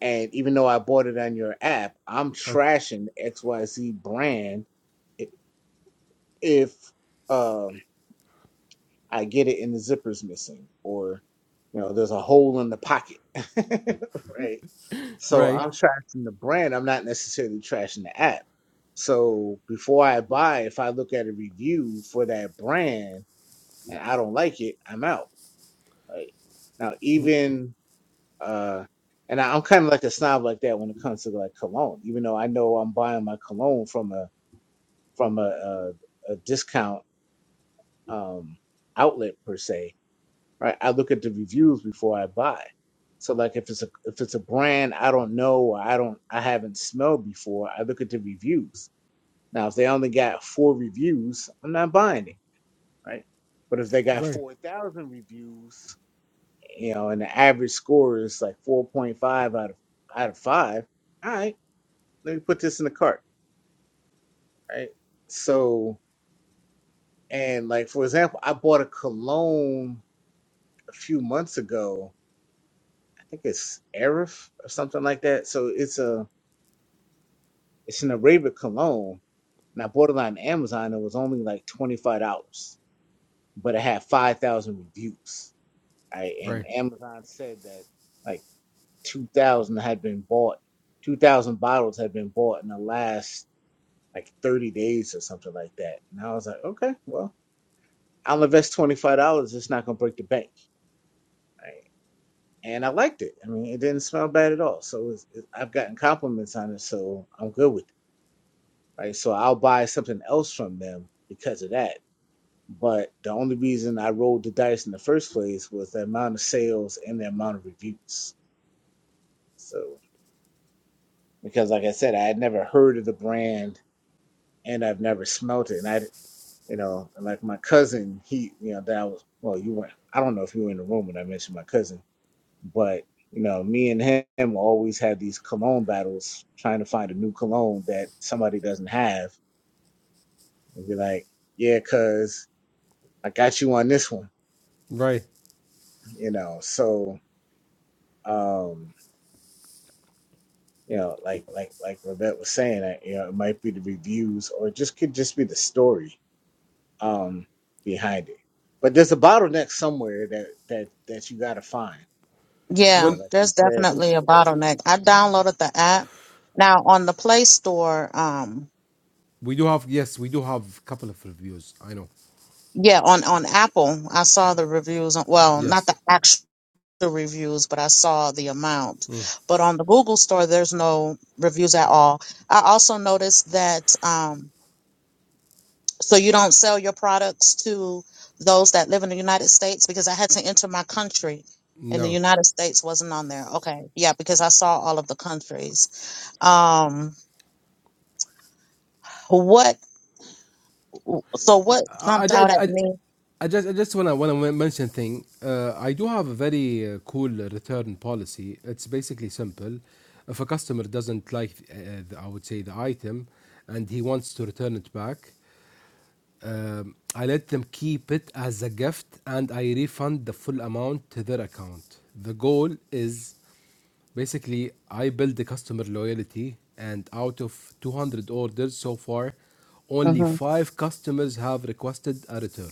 S1: And even though I bought it on your app, I'm
S4: Okay.
S1: trashing XYZ brand i- if um I get it and the zipper's missing or you know there's a hole in the pocket. *laughs* right. So
S4: Right.
S1: I'm trashing the brand. I'm not necessarily trashing the app. So before I buy, if I look at a review for that brand and I don't like it, I'm out. Right. Now even uh and I- I'm kind of like a snob like that when it comes to like cologne, even though I know I'm buying my cologne from a from a a, a discount um outlet per se right? I look at the reviews before I buy. So like if it's a if it's a brand I don't know or I don't I haven't smelled before, I look at the reviews. Now if they only got four reviews, I'm not buying it, right? But if they got
S4: Right.
S1: four thousand reviews, you know, and the average score is like four point five out of out of five, all right, let me put this in the cart, right? So and like for example, I bought a cologne a few months ago think it's Arif or something like that. So it's a it's an Arabic cologne. And I bought it on Amazon. It was only like twenty five dollars, but it had five thousand reviews. Right, and
S4: Right.
S1: Amazon said that like two thousand had been bought, two thousand bottles had been bought in the last like thirty days or something like that. And I was like, okay, well, I'll invest twenty five dollars. It's not gonna break the bank. Right. And I liked it. I mean, it didn't smell bad at all. So it's, it, I've gotten compliments on it, so I'm good with. it. right? So I'll buy something else from them because of that. But the only reason I rolled the dice in the first place was the amount of sales and the amount of reviews. So because, like I said, I had never heard of the brand and I've never smelt it, and I, you know, and like my cousin, he, you know, that I was well, you weren't. I don't know if you were in the room when I mentioned my cousin, but you know, me and him always had these cologne battles, trying to find a new cologne that somebody doesn't have, and be like, yeah, cuz I got you on this one,
S4: Right.
S1: you know. So, um, you know, like like like Levette was saying, I, you know, it might be the reviews or it just could just be the story um behind it. But there's a bottleneck somewhere that that that you got to find, you know,
S2: Yeah,
S4: Well,
S1: like you
S2: there's
S1: said.
S2: definitely a bottleneck. I downloaded the app. Now on the Play Store, um
S4: we do have. Yes, we do have a couple of reviews. I know.
S2: Yeah, on on Apple, I saw the reviews. On, well, not the
S4: Yes.
S2: actual reviews, but I saw the amount. But on the Google store, there's no reviews at all. I also noticed that. Um, so you don't sell your products to those that live in the United States because I had to enter my country, and the
S4: No.
S2: United States wasn't on there. Okay, yeah, because I saw all of the countries. Um, what? So what
S4: I,
S2: jumped out
S4: I,
S2: at
S4: I,
S2: me?
S4: I just I just wanna wanna mention thing. Uh, I do have a very uh, cool return policy. It's basically simple. If a customer doesn't like, uh, the, I would say the item, and he wants to return it back, um, I let them keep it as a gift, and I refund the full amount to their account. The goal is basically I build the customer loyalty, and out of 200 orders so far, only
S2: hmm
S4: five customers have requested a return.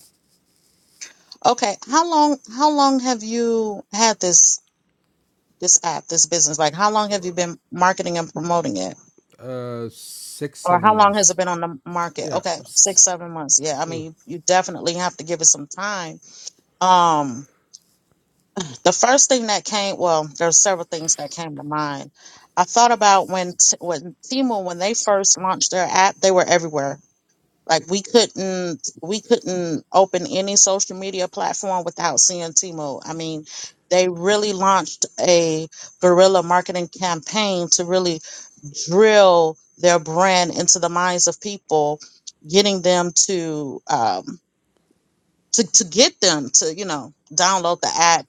S2: Okay, how long? How long have you had this? this app, this business? Like, how long have you been marketing and promoting it?
S4: Uh, six
S2: Or
S4: seven
S2: how long has it
S4: months.
S2: been on the market?
S4: Yeah.
S2: Okay,
S4: s-
S2: six, seven months. Yeah, I mean, you, you definitely have to give it some time. Um, the first thing that came, well, there's several things that came to mind. I thought about when t- when Temu when they first launched their app, they were everywhere Like we couldn't we couldn't open any social media platform without seeing Timo. I mean, they really launched a guerrilla marketing campaign to really drill their brand into the minds of people, getting them to um, to to get them to you know download the app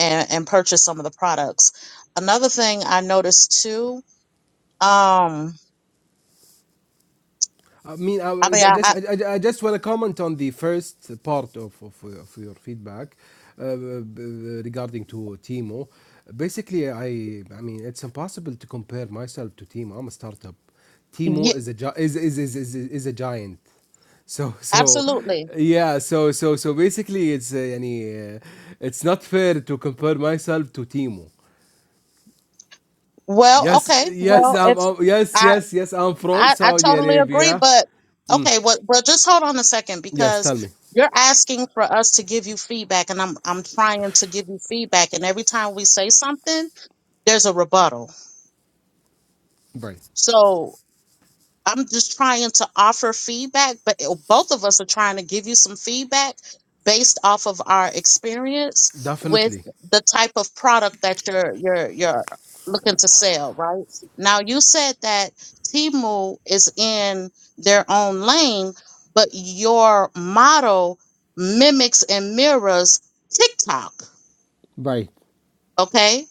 S2: and and purchase some of the products. Another thing I noticed too, um,
S4: I mean, I
S2: I mean,
S4: w- I
S2: I,
S4: just
S2: I
S4: I, I I just want to comment on the first part of of, of your feedback uh, b- regarding to Timo. Basically, I I mean it's impossible to compare myself to Timo. I'm a startup.
S2: yeah,
S4: Timo is a gi- is is is is, is a giant. So so
S2: absolutely,
S4: yeah so so so basically it's uh, يعني, uh, it's not fair to compare myself to Timo
S2: Well,
S4: Yes,
S2: okay.
S4: yes,
S2: Well,
S4: I'm,
S2: it's
S4: I'm- yes,
S2: I
S4: yes, yes. I'm from
S2: I, I
S4: Saudi
S2: totally agree,
S4: Arabia.
S2: but okay. well, Well, just hold on a second
S4: Yes, tell
S2: because
S4: me.
S2: you're asking for us to give you feedback, and I'm I'm trying to give you feedback, and every time we say something, there's a rebuttal.
S4: Right.
S2: So I'm just trying to offer feedback, but it- both of us are trying to give you some feedback based off of our experience with
S4: Definitely.
S2: the type of product that you're you're you're looking to sell, right? Now you said that Timu is in their own lane, but your model mimics and mirrors TikTok.
S4: Right.
S2: Okay.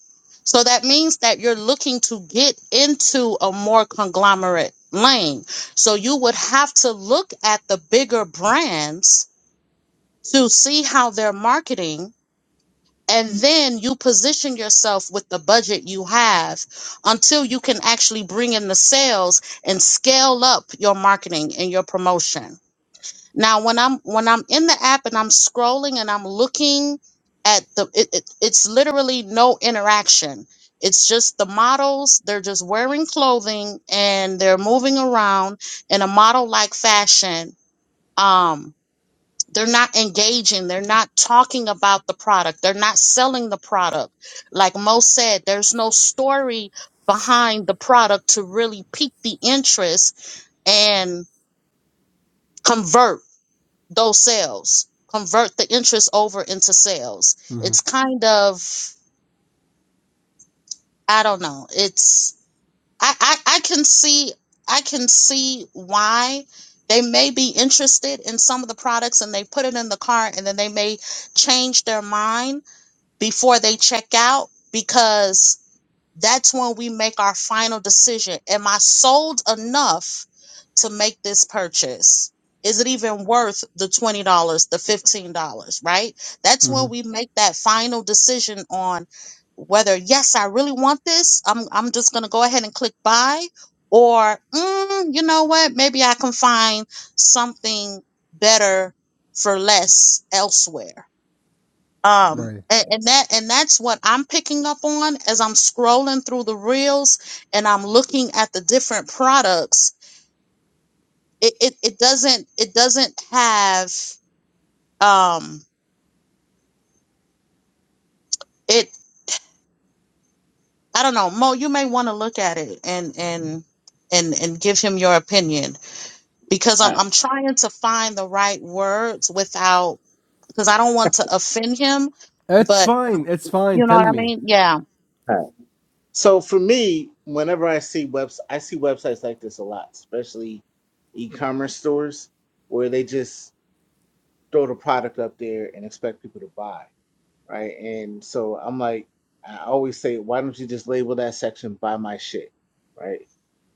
S2: So that means that you're looking to get into a more conglomerate lane. So you would have to look at the bigger brands to see how they're marketing. And then you position yourself with the budget you have until you can actually bring in the sales and scale up your marketing and your promotion. Now, when I'm when I'm in the app and I'm scrolling and I'm looking at the, it, it, it's literally no interaction. It's just the models. They're just wearing clothing and they're moving around in a model like fashion. Um, they're not engaging. They're not talking about the product. They're not selling the product. Like Mo said, there's no story behind the product to really pique the interest and convert those sales convert the interest over into sales it's kind of i don't know it's i i, I can see i can see why they may be interested in some of the products and they put it in the cart and then they may change their mind before they check out because that's when we make our final decision. Am I sold enough to make this purchase? Is it even worth the $20, the $15, right? That's when we make that final decision on whether, yes, I really want this. I'm, I'm just going to go ahead and click buy. Or, mm, you know what? Maybe I can find something better for less elsewhere um
S4: Right.
S2: and, and that and that's what i'm picking up on as i'm scrolling through the reels and i'm looking at the different products it it, it doesn't it doesn't have um it i don't know mo you may want to look at it and and and and give him your opinion because i'm
S1: Alright,
S2: i'm trying to find the right words without because i don't want to offend him
S4: It's
S2: but
S4: fine. It's fine.
S2: you know
S4: Tell
S2: what i
S4: me.
S2: mean yeah
S1: alright. So for me, whenever I see webs, I see websites like this a lot, especially e-commerce stores where they just throw the product up there and expect people to buy right? And so I'm like, I always say, why don't you just label that section "Buy My Shit," right?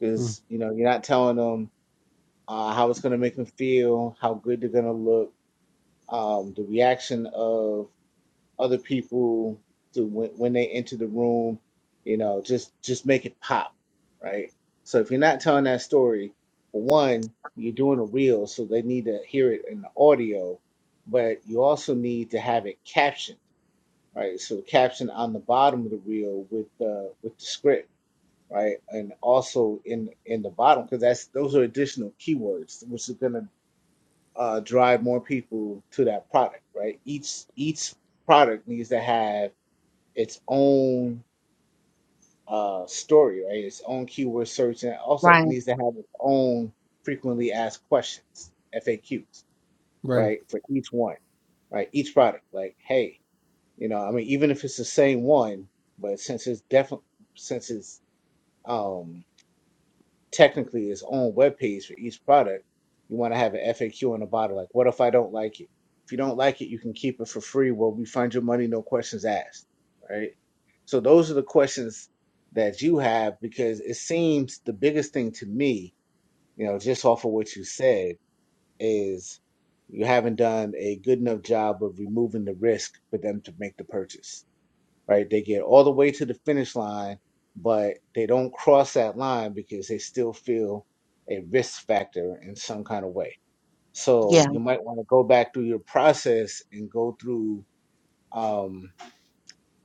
S1: Because you know you're not telling them uh, how it's gonna make them feel, how good they're gonna look, um, the reaction of other people to when, when they enter the room. You know, just just make it pop, right? So if you're not telling that story, for one, you're doing a reel, so they need to hear it in the audio, but you also need to have it captioned right? So the caption on the bottom of the reel with the with the script, right? And also in in the bottom because that's those are additional keywords which is going to uh, drive more people to that product, right? Each each product needs to have its own uh, story, right? Its own keyword search, and it also
S2: right
S1: needs to have its own frequently asked questions (FAQs),
S4: Right.
S1: right? For each one, right? Each product, like hey. You know, I mean, even if it's the same one, but since it's definitely since it's um technically its own webpage for each product, you want to have an FAQ on the bottom, like, "What if I don't like it?" If you don't like it, you can keep it for free. We'll refund your money, no questions asked, right? So those are the questions that you have because it seems the biggest thing to me, you know, just off of what you said, is you haven't done a good enough job of removing the risk for them to make the purchase right? They get all the way to the finish line, but they don't cross that line because they still feel a risk factor in some kind of way. So
S2: yeah
S1: you might want to go back through your process and go through, um,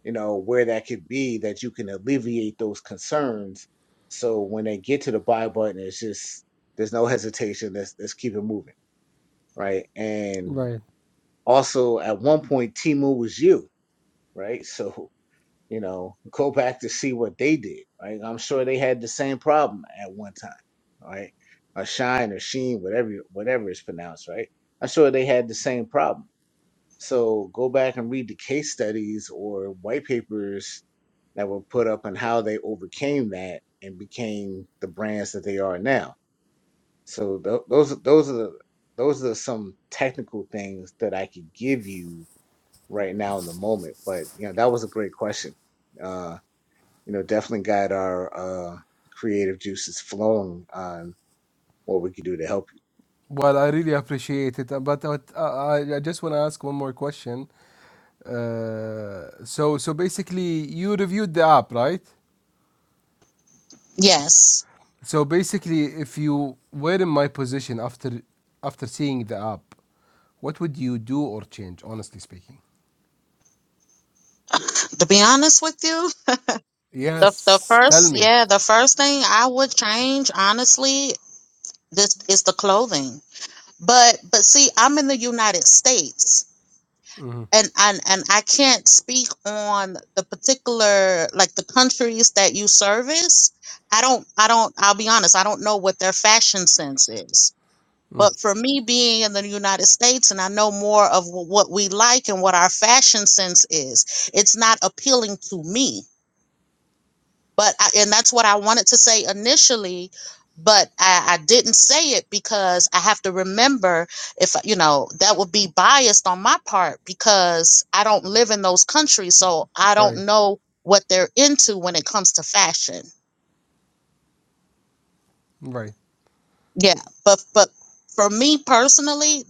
S1: you know, where that could be that you can alleviate those concerns. So when they get to the buy button, it's just there's no hesitation. Let's let's keep it moving, right? And
S4: Right.
S1: also at one point, Timu was you, right? *laughs* So You know, go back to see what they did, right? I'm sure they had the same problem at one time, right? Or shine or sheen, whatever whatever it's pronounced, right? I'm sure they had the same problem. So go back and read the case studies or white papers that were put up on how they overcame that and became the brands that they are now. So tho- those those are the, those are some technical things that I could give you right now in the moment. But you know that was a great question. Uh, you know, definitely got our uh, creative juices flowing on what we can do to help you.
S4: Well, I really appreciate it, uh, but uh, I, I I just want to ask one more question. Uh, so, so basically, you reviewed the app, right?
S2: yes
S4: So basically, if you were in my position after after seeing the app, what would you do or change, honestly speaking?
S2: to be honest with you The the
S4: Yes, tell
S2: first,
S4: me.
S2: yeah, the first thing I would change, honestly, this is the clothing. But but see, I'm in the United States, and and and I can't speak on the particular like the countries that you service. I don't I don't I'll be honest, I don't know what their fashion sense is. But for me being in the United States and I know more of wh- what we like and what our fashion sense is, it's not appealing to me but I, and that's what I wanted to say initially, but I, I didn't say it because I have to remember if you know that would be biased on my part because I don't live in those countries, so I
S4: Right,
S2: don't know what they're into when it comes to fashion.
S4: right.
S2: Yeah, but but for me personally,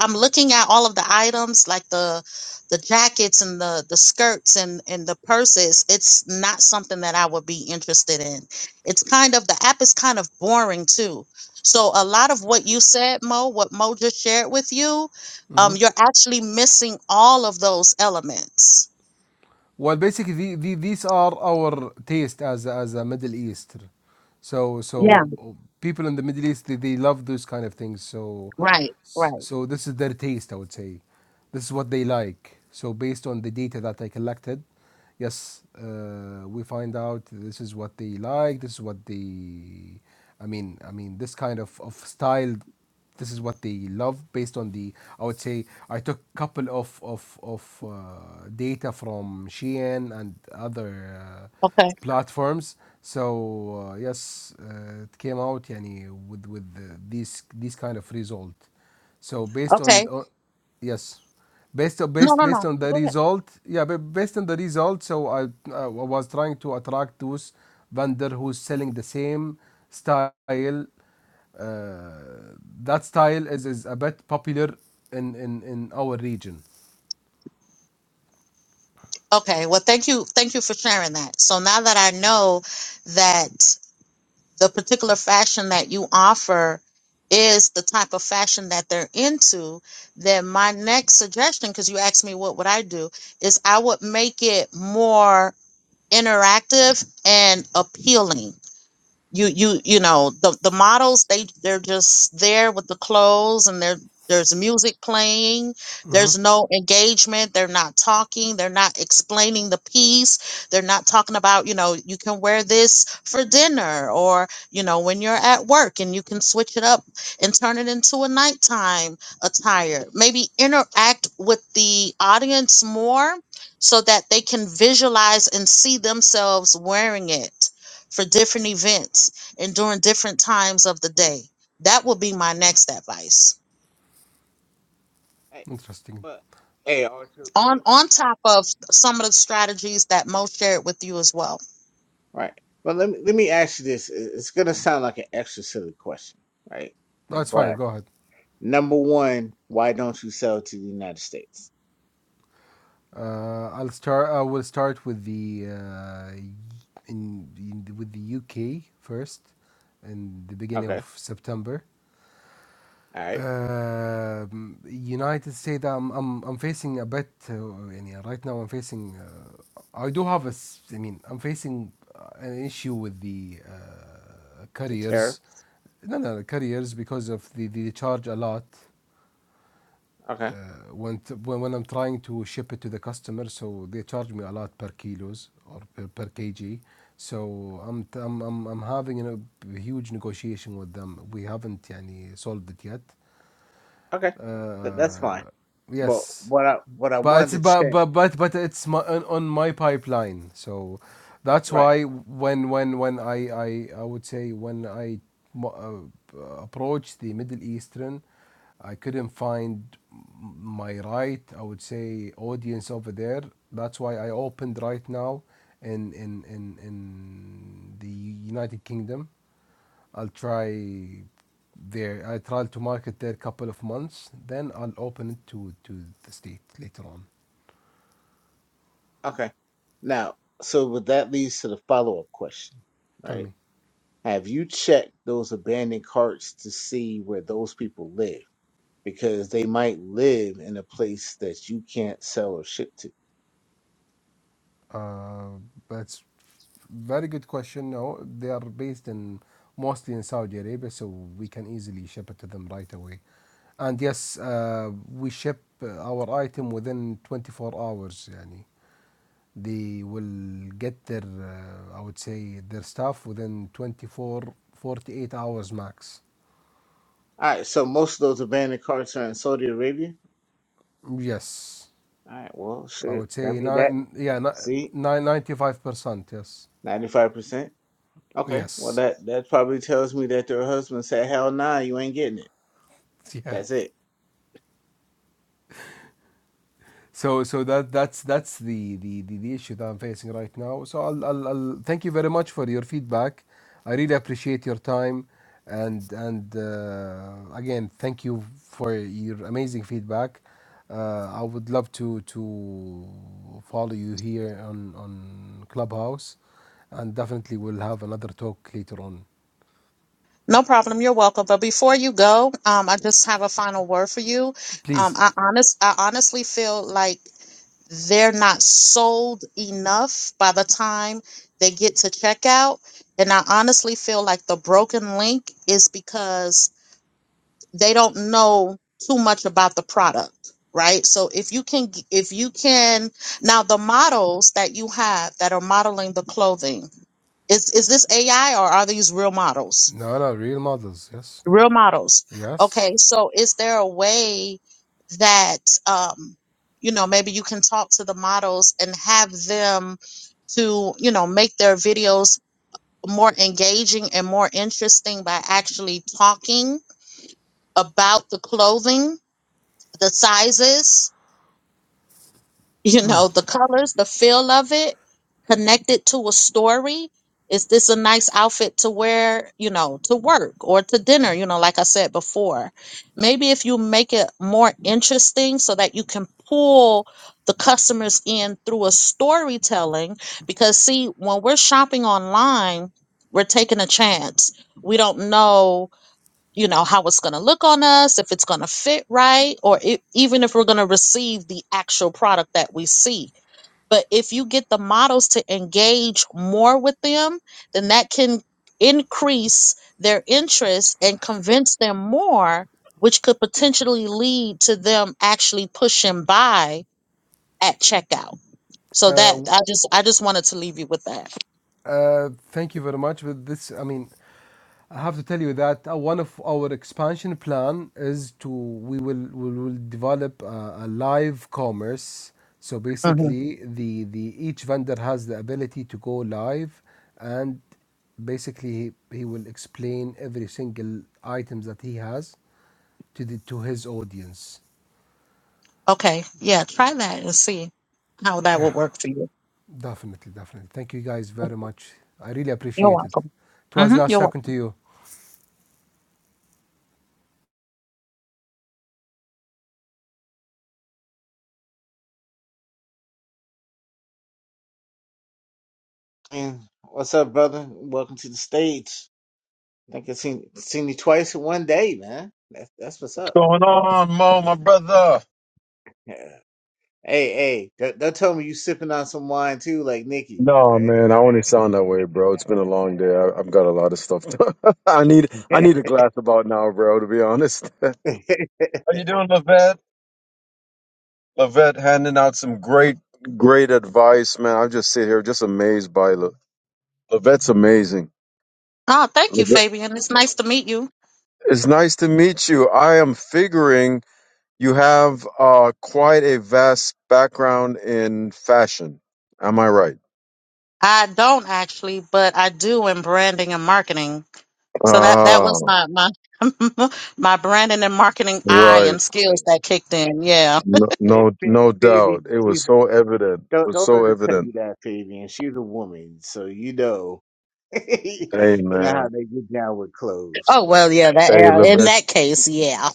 S2: I'm looking at all of the items like the the jackets and the the skirts and and the purses. It's not something that I would be interested in. It's kind of the app is kind of boring too. So a lot of what you said, Mo, what Mo just shared with you, um, you're actually missing all of those elements.
S4: Well, basically, the, the, these are our taste as a- as a Middle East. So
S2: Yeah.
S4: so people in the Middle East they, they love those kind of things. So
S2: Right, right.
S4: so this is their taste, I would say. This is what they like. So based on the data that I collected, yes, uh, we find out this is what they like. This is what they, I mean, I mean, this kind of of style this is what they love based on the i would say i took a couple of of, of uh, data from shein and other uh,
S2: Okay,
S4: platforms so uh, yes uh, it came out yani, with with the, these these kind of result so based on
S2: okay.
S4: uh, yes based on
S2: No,
S4: based
S2: no, no.
S4: based on the
S2: Go ahead.
S4: result yeah but based on the result so i i was trying to attract those vendor who's selling the same style uh, that style is, is a bit popular in, in, in our region.
S2: Okay, well, thank you, thank you for sharing that. So now that I know that the particular fashion that you offer is the type of fashion that they're into, then my next suggestion, because you asked me what would I do, is I would make it more interactive and appealing you you you know the the models they they're just there with the clothes and there there's music playing there's no engagement they're not talking they're not explaining the piece they're not talking about you know you can wear this for dinner or you know when you're at work and you can switch it up and turn it into a nighttime attire maybe interact with the audience more so that they can visualize and see themselves wearing it for different events and during different times of the day. That would be my next advice.
S1: Hey,
S4: Interesting.
S1: but hey, Arthur,
S2: On
S1: wait.
S2: on top of some of the strategies that Mo shared with you as well.
S1: right? But let me let me ask you this. It- It's gonna sound like an extra silly question, right?
S4: No, it's fine.
S1: But
S4: Go ahead.
S1: number one, why don't you sell to the United States?
S4: Uh, I'll start. I will start with the uh, in, in with the UK first, in the beginning
S1: Okay,
S4: of September.
S1: all right,
S4: Um, United States, I'm, I'm, I'm facing a bit, uh, يعني, right now I'm facing, uh, I do have a, s- I mean, I'm facing uh, an issue with the uh,
S1: the tariffs.
S4: careers, no, no, careers because of the, they charge a lot
S1: Okay,
S4: uh, when, t- when, when I'm trying to ship it to the customer, so they charge me a lot per kilos or per, per kg. So I'm, t- I'm, I'm, I'm having you know, a huge negotiation with them. We haven't يعني, solved it yet.
S1: okay, Th- that's fine.
S4: Uh,
S1: But
S4: yes,
S1: what I what I
S4: but it's
S1: wanted to
S4: but
S1: check,
S4: but but but it's my, on, on my pipeline. So that's
S1: right?
S4: why when when when I I, I would say when I mo- uh, approached the Middle Eastern, I couldn't find my right. I would say audience over there. That's why I opened right now in in in in the United Kingdom I'll try their I try to market there couple of months, then I'll open it to to the state later on.
S1: Okay, now so what that leads to the follow up question,
S4: Tell
S1: right?
S4: me.
S1: Have you checked those abandoned carts to see where those people live? Because they might live in a place that you can't sell or ship to.
S4: Uh, that's very good question. No, they are based in mostly in Saudi Arabia, so we can easily ship it to them right away. And yes, uh, we ship uh, our item within 24 hours. Yani. They will get their, uh, I would say, their stuff within 24 48 hours max.
S1: All right, so most of those abandoned carts are in Saudi Arabia.
S4: Yes,
S1: All right, well,
S4: I
S1: shit.
S4: would
S1: I
S4: say
S1: mean that.
S4: nine. Yeah,
S1: See,
S4: nine ninety-five percent. Yes,
S1: ninety-five percent. Okay, well
S4: yes,
S1: that that probably tells me that their husband said, "Hell nah, you ain't getting it."
S4: *laughs* yeah.
S1: That's it.
S4: So, so that that's that's the, the the the issue that I'm facing right now. So, I'll, I'll, I'll thank you very much for your feedback. I really appreciate your time, and and uh, again, thank you for your amazing feedback. Uh, I would love to to follow you here on on Clubhouse, and definitely we'll have another talk later on.
S2: No problem. You're welcome. But before you go, um, I just have a final word for you. Um,
S4: Please.
S2: I honest, I honestly feel like they're not sold enough by the time they get to checkout. And I honestly feel like the broken link is because they don't know too much about the product right so if you can if you can now the models that you have that are modeling the clothing is is this ai or are these real models
S4: No, no, real models. Yes,
S2: real models
S4: yes.
S2: okay so is there a way that um you know maybe you can talk to the models and have them to you know make their videos more engaging and more interesting by actually talking about the clothing the sizes, you know, the colors, the feel of it, connect it to a story. Is this a nice outfit to wear, you know, to work or to dinner, you know, like I said before? Maybe if you make it more interesting so that you can pull the customers in through a storytelling. Because, see, when we're shopping online, we're taking a chance. We don't know you know how it's going to look on us if it's going to fit right or i- even if we're going to receive the actual product that we see but if you get the models to engage more with them then that can increase their interest and convince them more which could potentially lead to them actually pushing buy at checkout
S4: Uh,
S2: so that
S4: w-
S2: i just i just wanted to leave you with that
S4: uh, thank you very much. But this, I mean, I have to tell you that uh, one of our expansion plan is to we will we will develop a, a live commerce. So
S2: Mhm.
S4: basically, the the each vendor has the ability to go live, and basically he, he will explain every single items that he has to the to his audience.
S2: okay yeah try that and see how that
S4: Yeah.
S2: will work for you
S4: Definitely, definitely. Thank you guys very much. I really
S2: You're
S4: appreciate it.
S2: welcome.
S4: It was
S2: hmm
S4: nice
S2: You're welcome.
S4: talking to you.
S1: And what's up, brother? Welcome to the stage. I think I seen seen you twice in one day, man. That's that's what's up.
S5: going on, Mo, my brother?
S1: Hey, hey, don't, don't tell me you sipping on some wine too, like Nikki,
S5: No,
S1: right?
S5: man, I only sound that way, bro. It's been a long day. I, I've got a lot of stuff. To, *laughs* I need I need a glass about now, bro. To be honest. *laughs*
S1: *laughs* hey,
S5: How you doing, Levette? Levette handing out some great, great advice, man. I just sit here just amazed by Le- Levette's amazing.
S2: Oh, thank you,
S5: Levette,
S2: Fabian. It's nice to meet you.
S5: it's nice to meet you. I am figuring you have uh, quite a vast background in fashion. Am I right?
S2: I don't actually, but I do in branding and marketing. So that that
S5: Ah,
S2: was my my *laughs* my branding and marketing eye
S5: right.
S2: and
S1: hey,
S2: skills that kicked in. Yeah.
S5: No,
S1: Fa-
S5: no,
S1: Fa-
S5: no doubt.
S1: Fabian,
S5: It
S1: she's
S5: was so evident.
S1: don't
S5: was
S1: don't let
S5: so
S1: her tell you
S5: evident.
S1: that, Fabian. She's a woman, so you know, *laughs* you
S5: Hey,
S1: know how
S5: man.
S1: they get down with clothes,
S2: Oh well,
S1: man.
S2: yeah. That
S5: Hey,
S2: yeah, in
S5: Levette.
S2: that case, yeah.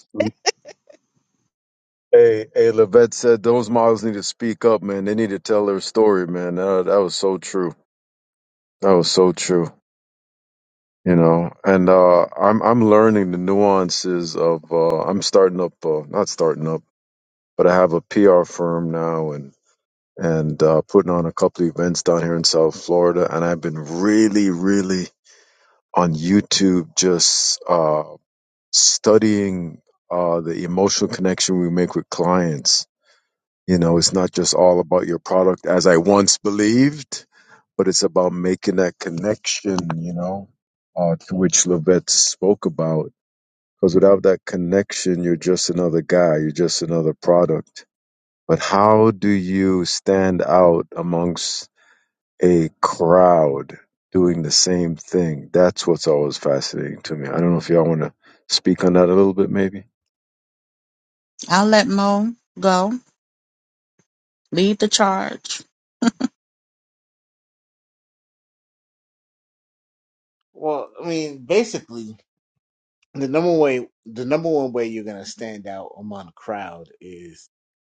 S5: Hey, hey, Levette said those models need to speak up, man. They need to tell their story, man. Uh, that was so true. That was so true. You know, and uh, I'm I'm learning the nuances of. Uh, I'm starting up, uh, not starting up, but I have a PR firm now, and and uh, putting on a couple of events down here in South Florida. And I've been really, really on YouTube, just. Uh, studying uh, the emotional connection we make with clients. You know, it's not just all about your product as I once believed, but it's about making that connection, you know, uh, to which Lovett spoke about. Because without that connection, you're just another guy, you're just another product. But how do you stand out amongst a crowd doing the same thing? That's what's always fascinating to me. I don't know if y'all want to speak on that a little bit, maybe.
S2: I'll let Mo go lead the charge.
S1: Well, I mean, basically, the number way, the number one way you're gonna stand out among a crowd is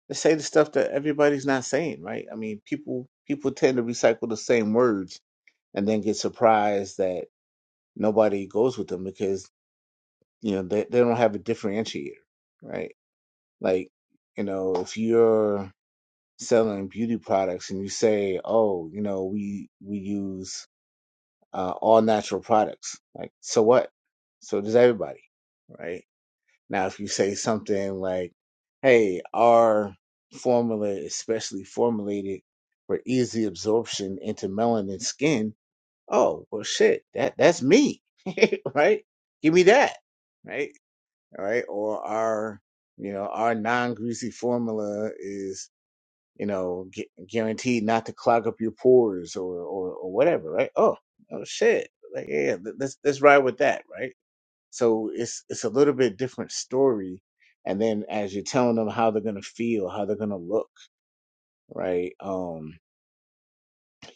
S1: to say the stuff that everybody's not saying, right? I mean, people people tend to recycle the same words and then get surprised that. nobody goes with them because you know they, they don't have a differentiator right like you know if you're selling beauty products and you say oh you know we we use uh, all natural products like so what so does everybody right now if you say something like hey our formula is specially formulated for easy absorption into melanin skin oh well shit that that's me *laughs* right give me that right all right or our you know our non-greasy formula is you know gu- guaranteed not to clog up your pores or or, or whatever right oh oh shit like yeah th- let's let's ride with that right so it's it's a little bit different story and then as you're telling them how they're gonna feel how they're gonna look right um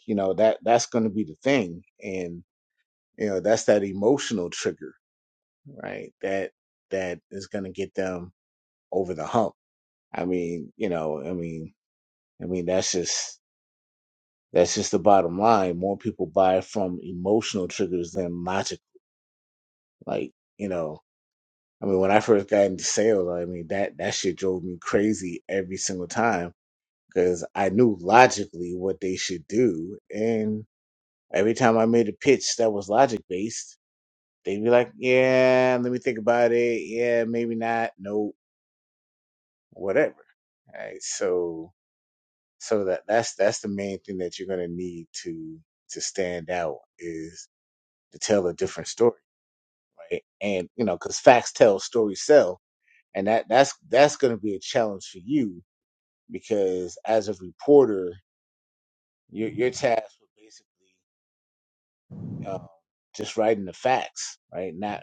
S1: you know that that's gonna be the thing and you know that's that emotional trigger right? That that is going to get them over the hump. I mean, you know, I mean, I mean that's just that's just the bottom line. More people buy from emotional triggers than logic. Like, you know, I mean, when I first got into sales, I mean that that shit drove me crazy every single time because I knew logically what they should do, and every time I made a pitch that was logic based. They'd be like, yeah, let me think about it. Yeah, maybe not. Nope whatever. Right. So so that that's that's the main thing that you're gonna need to to stand out is to tell a different story, right? And you know, because facts tell, stories sell, and that that's that's gonna be a challenge for you because as a reporter, you're you're tasked with basically um, just writing the facts, right? Not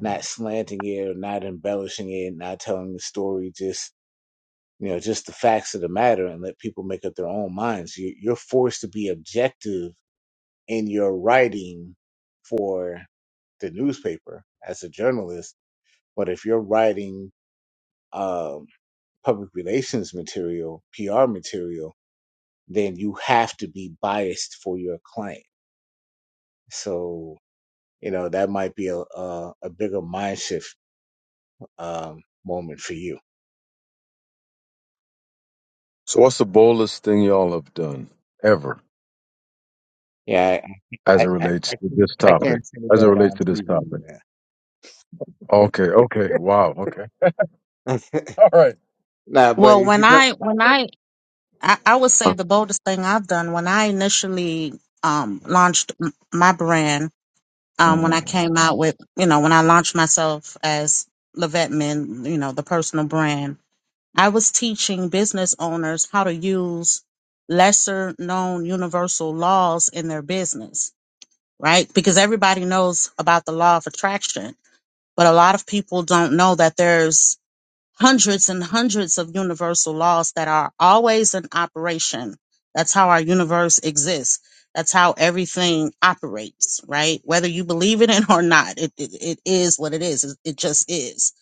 S1: not slanting it or not embellishing it, not telling the story, just. you know just the facts of the matter and let people make up their own minds you, you're forced to be objective in your writing for the newspaper as a journalist but if you're writing um, public relations material pr material then you have to be biased for your client so you know that might be a, a, a bigger mind shift um, moment for you
S5: So, what's the boldest thing y'all have done ever
S1: yeah i
S5: as
S1: i,
S5: it
S1: I,
S5: relates
S1: I
S5: to
S1: can't
S5: this
S1: i
S5: topic?
S1: can't say
S5: As it
S1: that
S5: relates
S1: on
S5: to this
S1: tv
S5: topic.
S1: man.
S5: Okay. Okay. Wow. Okay. *laughs* All right.
S1: Nah, but
S2: Well,
S1: if
S2: when
S1: you're
S2: I when I I, I would say the boldest thing I've done when I initially um launched m- my brand um, when
S5: hmm
S2: I came out with, you know, when I launched myself as Levetman, you know, the personal brand, I was teaching business owners how to use lesser known universal laws in their business, right? Because everybody knows about the law of attraction, but a lot of people don't know that there's hundreds and hundreds of universal laws that are always in operation. That's how our universe exists. That's how everything operates, right? Whether you believe in it *laughs* or not, it, it, it is what it is. It, it just is.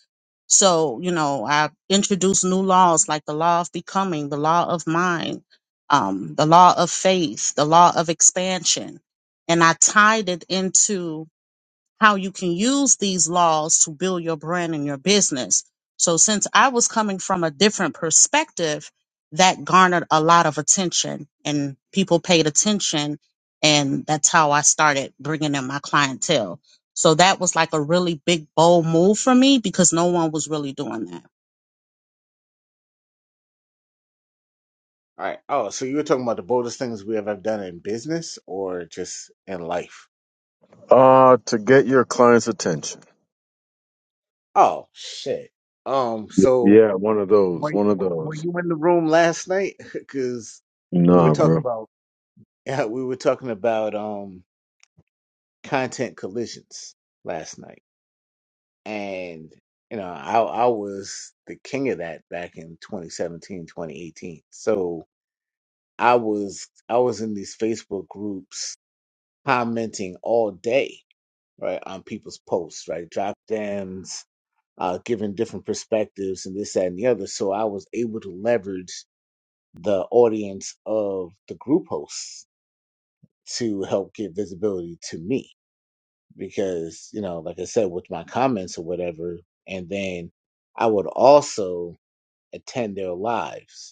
S2: So, you know, I introduce new laws like the law of becoming, the law of mind, um, the law of faith, the law of expansion. And I tied it into how you can use these laws to build your brand and your business. So, since I was coming from a different perspective, that garnered a lot of attention and people paid attention. And that's how I started bringing in my clientele. So, that was like a really big, bold move for me because no one was really doing that.
S1: All right. Oh, so you were talking about the boldest things we have ever done in business or just in life?
S5: Uh, to get your client's attention.
S1: Oh shit. Um.
S5: Y-
S1: So
S5: Yeah, one of those.
S1: were,
S5: One of
S1: were
S5: those.
S1: you in the room last night? *laughs* Because we were
S5: Nah, bro.
S1: talking about *laughs* yeah, we were talking about um content collisions last night, and you know I I was the king of that back in 2017 2018. So I was I was in these Facebook groups commenting all day right, on people's posts, right? Drop dams, uh, giving different perspectives and this, that, and the other. So I was able to leverage the audience of the group hosts to help get visibility to me because, you know, like I said, with my comments or whatever, and then I would also attend their lives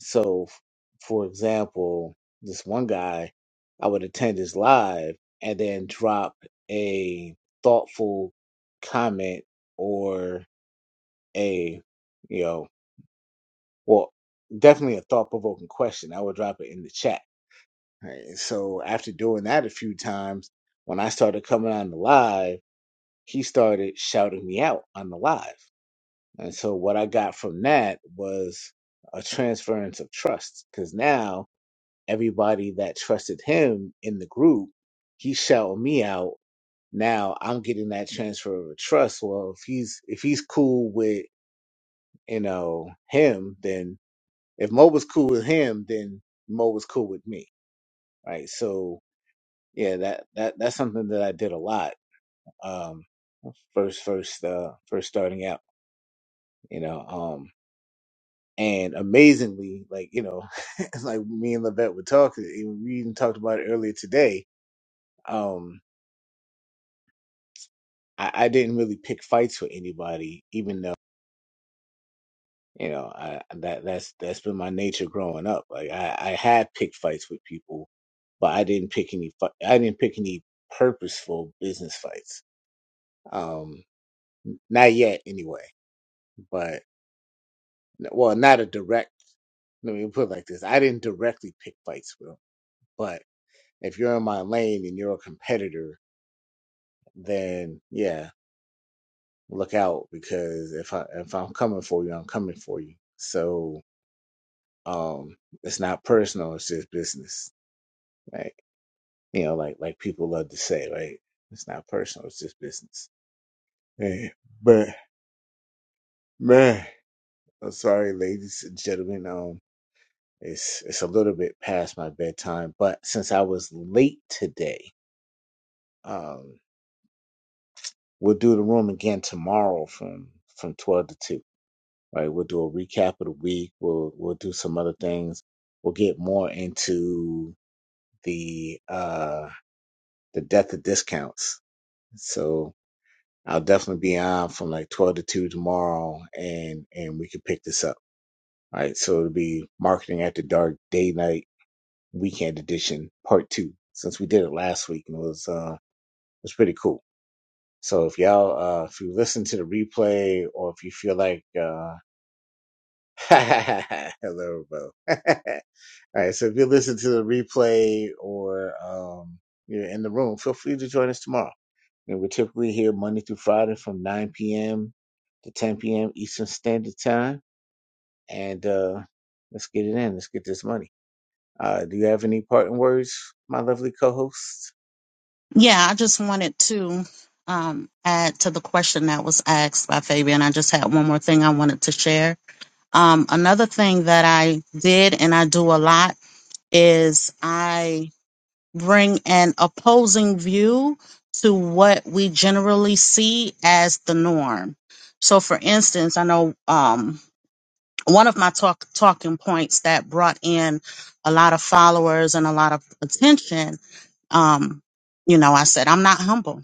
S1: so, f- for example, this one guy, I would attend his live and then drop a thoughtful comment or a, you know, well, definitely a thought provoking question. I would drop it in the chat. Right? So, after doing that a few times, when I started coming on the live, he started shouting me out on the live. And so, what I got from that was a transference of trust because now everybody that trusted him in the group, he shouted me out. Now I'm getting that transfer of trust. Well, if he's if he's cool with you know him, then if Mo was cool with him, then Mo was cool with me, right? So yeah, that that that's something that I did a lot. Um, first first uh first starting out, you know. Um, and amazingly, like you know, *laughs* like me and Levette were talking, and we even talked about it earlier today. Um, I, I didn't really pick fights with anybody, even though you know I, that that's that's been my nature growing up. Like I, I had picked fights with people, but I didn't pick any. fi- I didn't pick any purposeful business fights. Um, not yet, anyway. But well, not a direct. Let me put it like this: I didn't directly pick fights with them, but if you're in my lane and you're a competitor, then yeah, look out because if I if I'm coming for you, I'm coming for you. So Um, it's not personal. It's just business, right? You know, like like people love to say, right? It's not personal. It's just business. Hey, but man, I'm sorry, ladies and gentlemen. Um, it's it's a little bit past my bedtime, but since I was late today, um, we'll do the room again tomorrow from from twelve to two. Right, we'll do a recap of the week. We'll we'll do some other things. We'll get more into the uh the death of discounts So I'll definitely be on from like 12 to 2 tomorrow and and we can pick this up. All right. So it'll be marketing at the dark day night weekend edition part 2 since we did it last week and it was uh it was pretty cool. So if y'all uh if you listen to the replay or if you feel like uh *laughs* hello bro. *laughs* All right. So if you listen to the replay or um you're in the room, feel free to join us tomorrow. And we're typically here Monday through Friday from 9 p.m. to 10 p.m. Eastern Standard Time. And uh, let's get it in. Let's get this money. Uh, do you have any parting words, my lovely co host?
S2: Yeah, I just wanted to um, add to the question that was asked by Fabian. I just had one more thing I wanted to share Um, another thing that I did and I do a lot is I bring an opposing view to what we generally see as the norm. So, for instance, I know um, one of my talk talking points that brought in a lot of followers and a lot of attention. Um, you know, I said I'm not humble.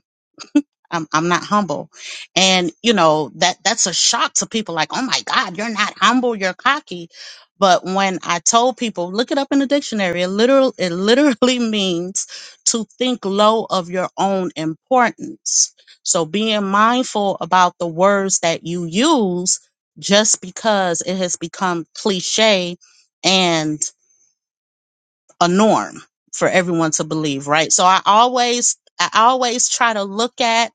S2: I'm, I'm not humble. And, you know, that, that's a shock to people like, oh my God, you're not humble, you're cocky. But when I told people, look it up in the dictionary, it literal, it literally *laughs* means to think low of your own importance. So being mindful about the words that you use just because it has become cliche and a norm for everyone to believe, right? So I always, I always try to look at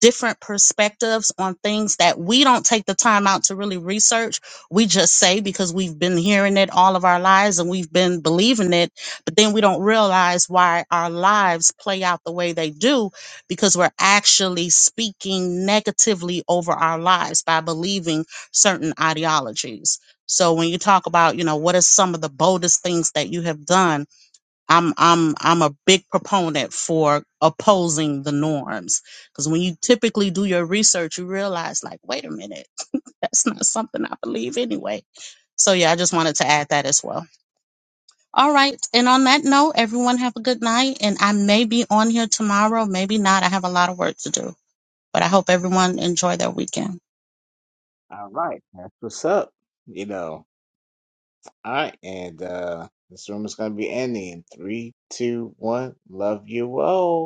S2: different perspectives on things that we don't take the time out to really research. We just say because we've been hearing it all of our lives and we've been believing it, but then we don't realize why our lives play out the way they do because we're actually speaking negatively over our lives by believing certain ideologies. So when you talk about, you know, what are some of the boldest things that you have done? I'm I'm I'm a big proponent for opposing the norms because when you typically do your research, you realize like, wait a minute, *laughs* that's not something I believe anyway. So yeah, I just wanted to add that as well. All right, and on that note, everyone have a good night, and I may be on here tomorrow, maybe not. I have a lot of work to do, but I hope everyone enjoy their weekend.
S1: All right. That's what's up. You know, all right. And uh, this room is going to be ending in three, two, one. Love you all.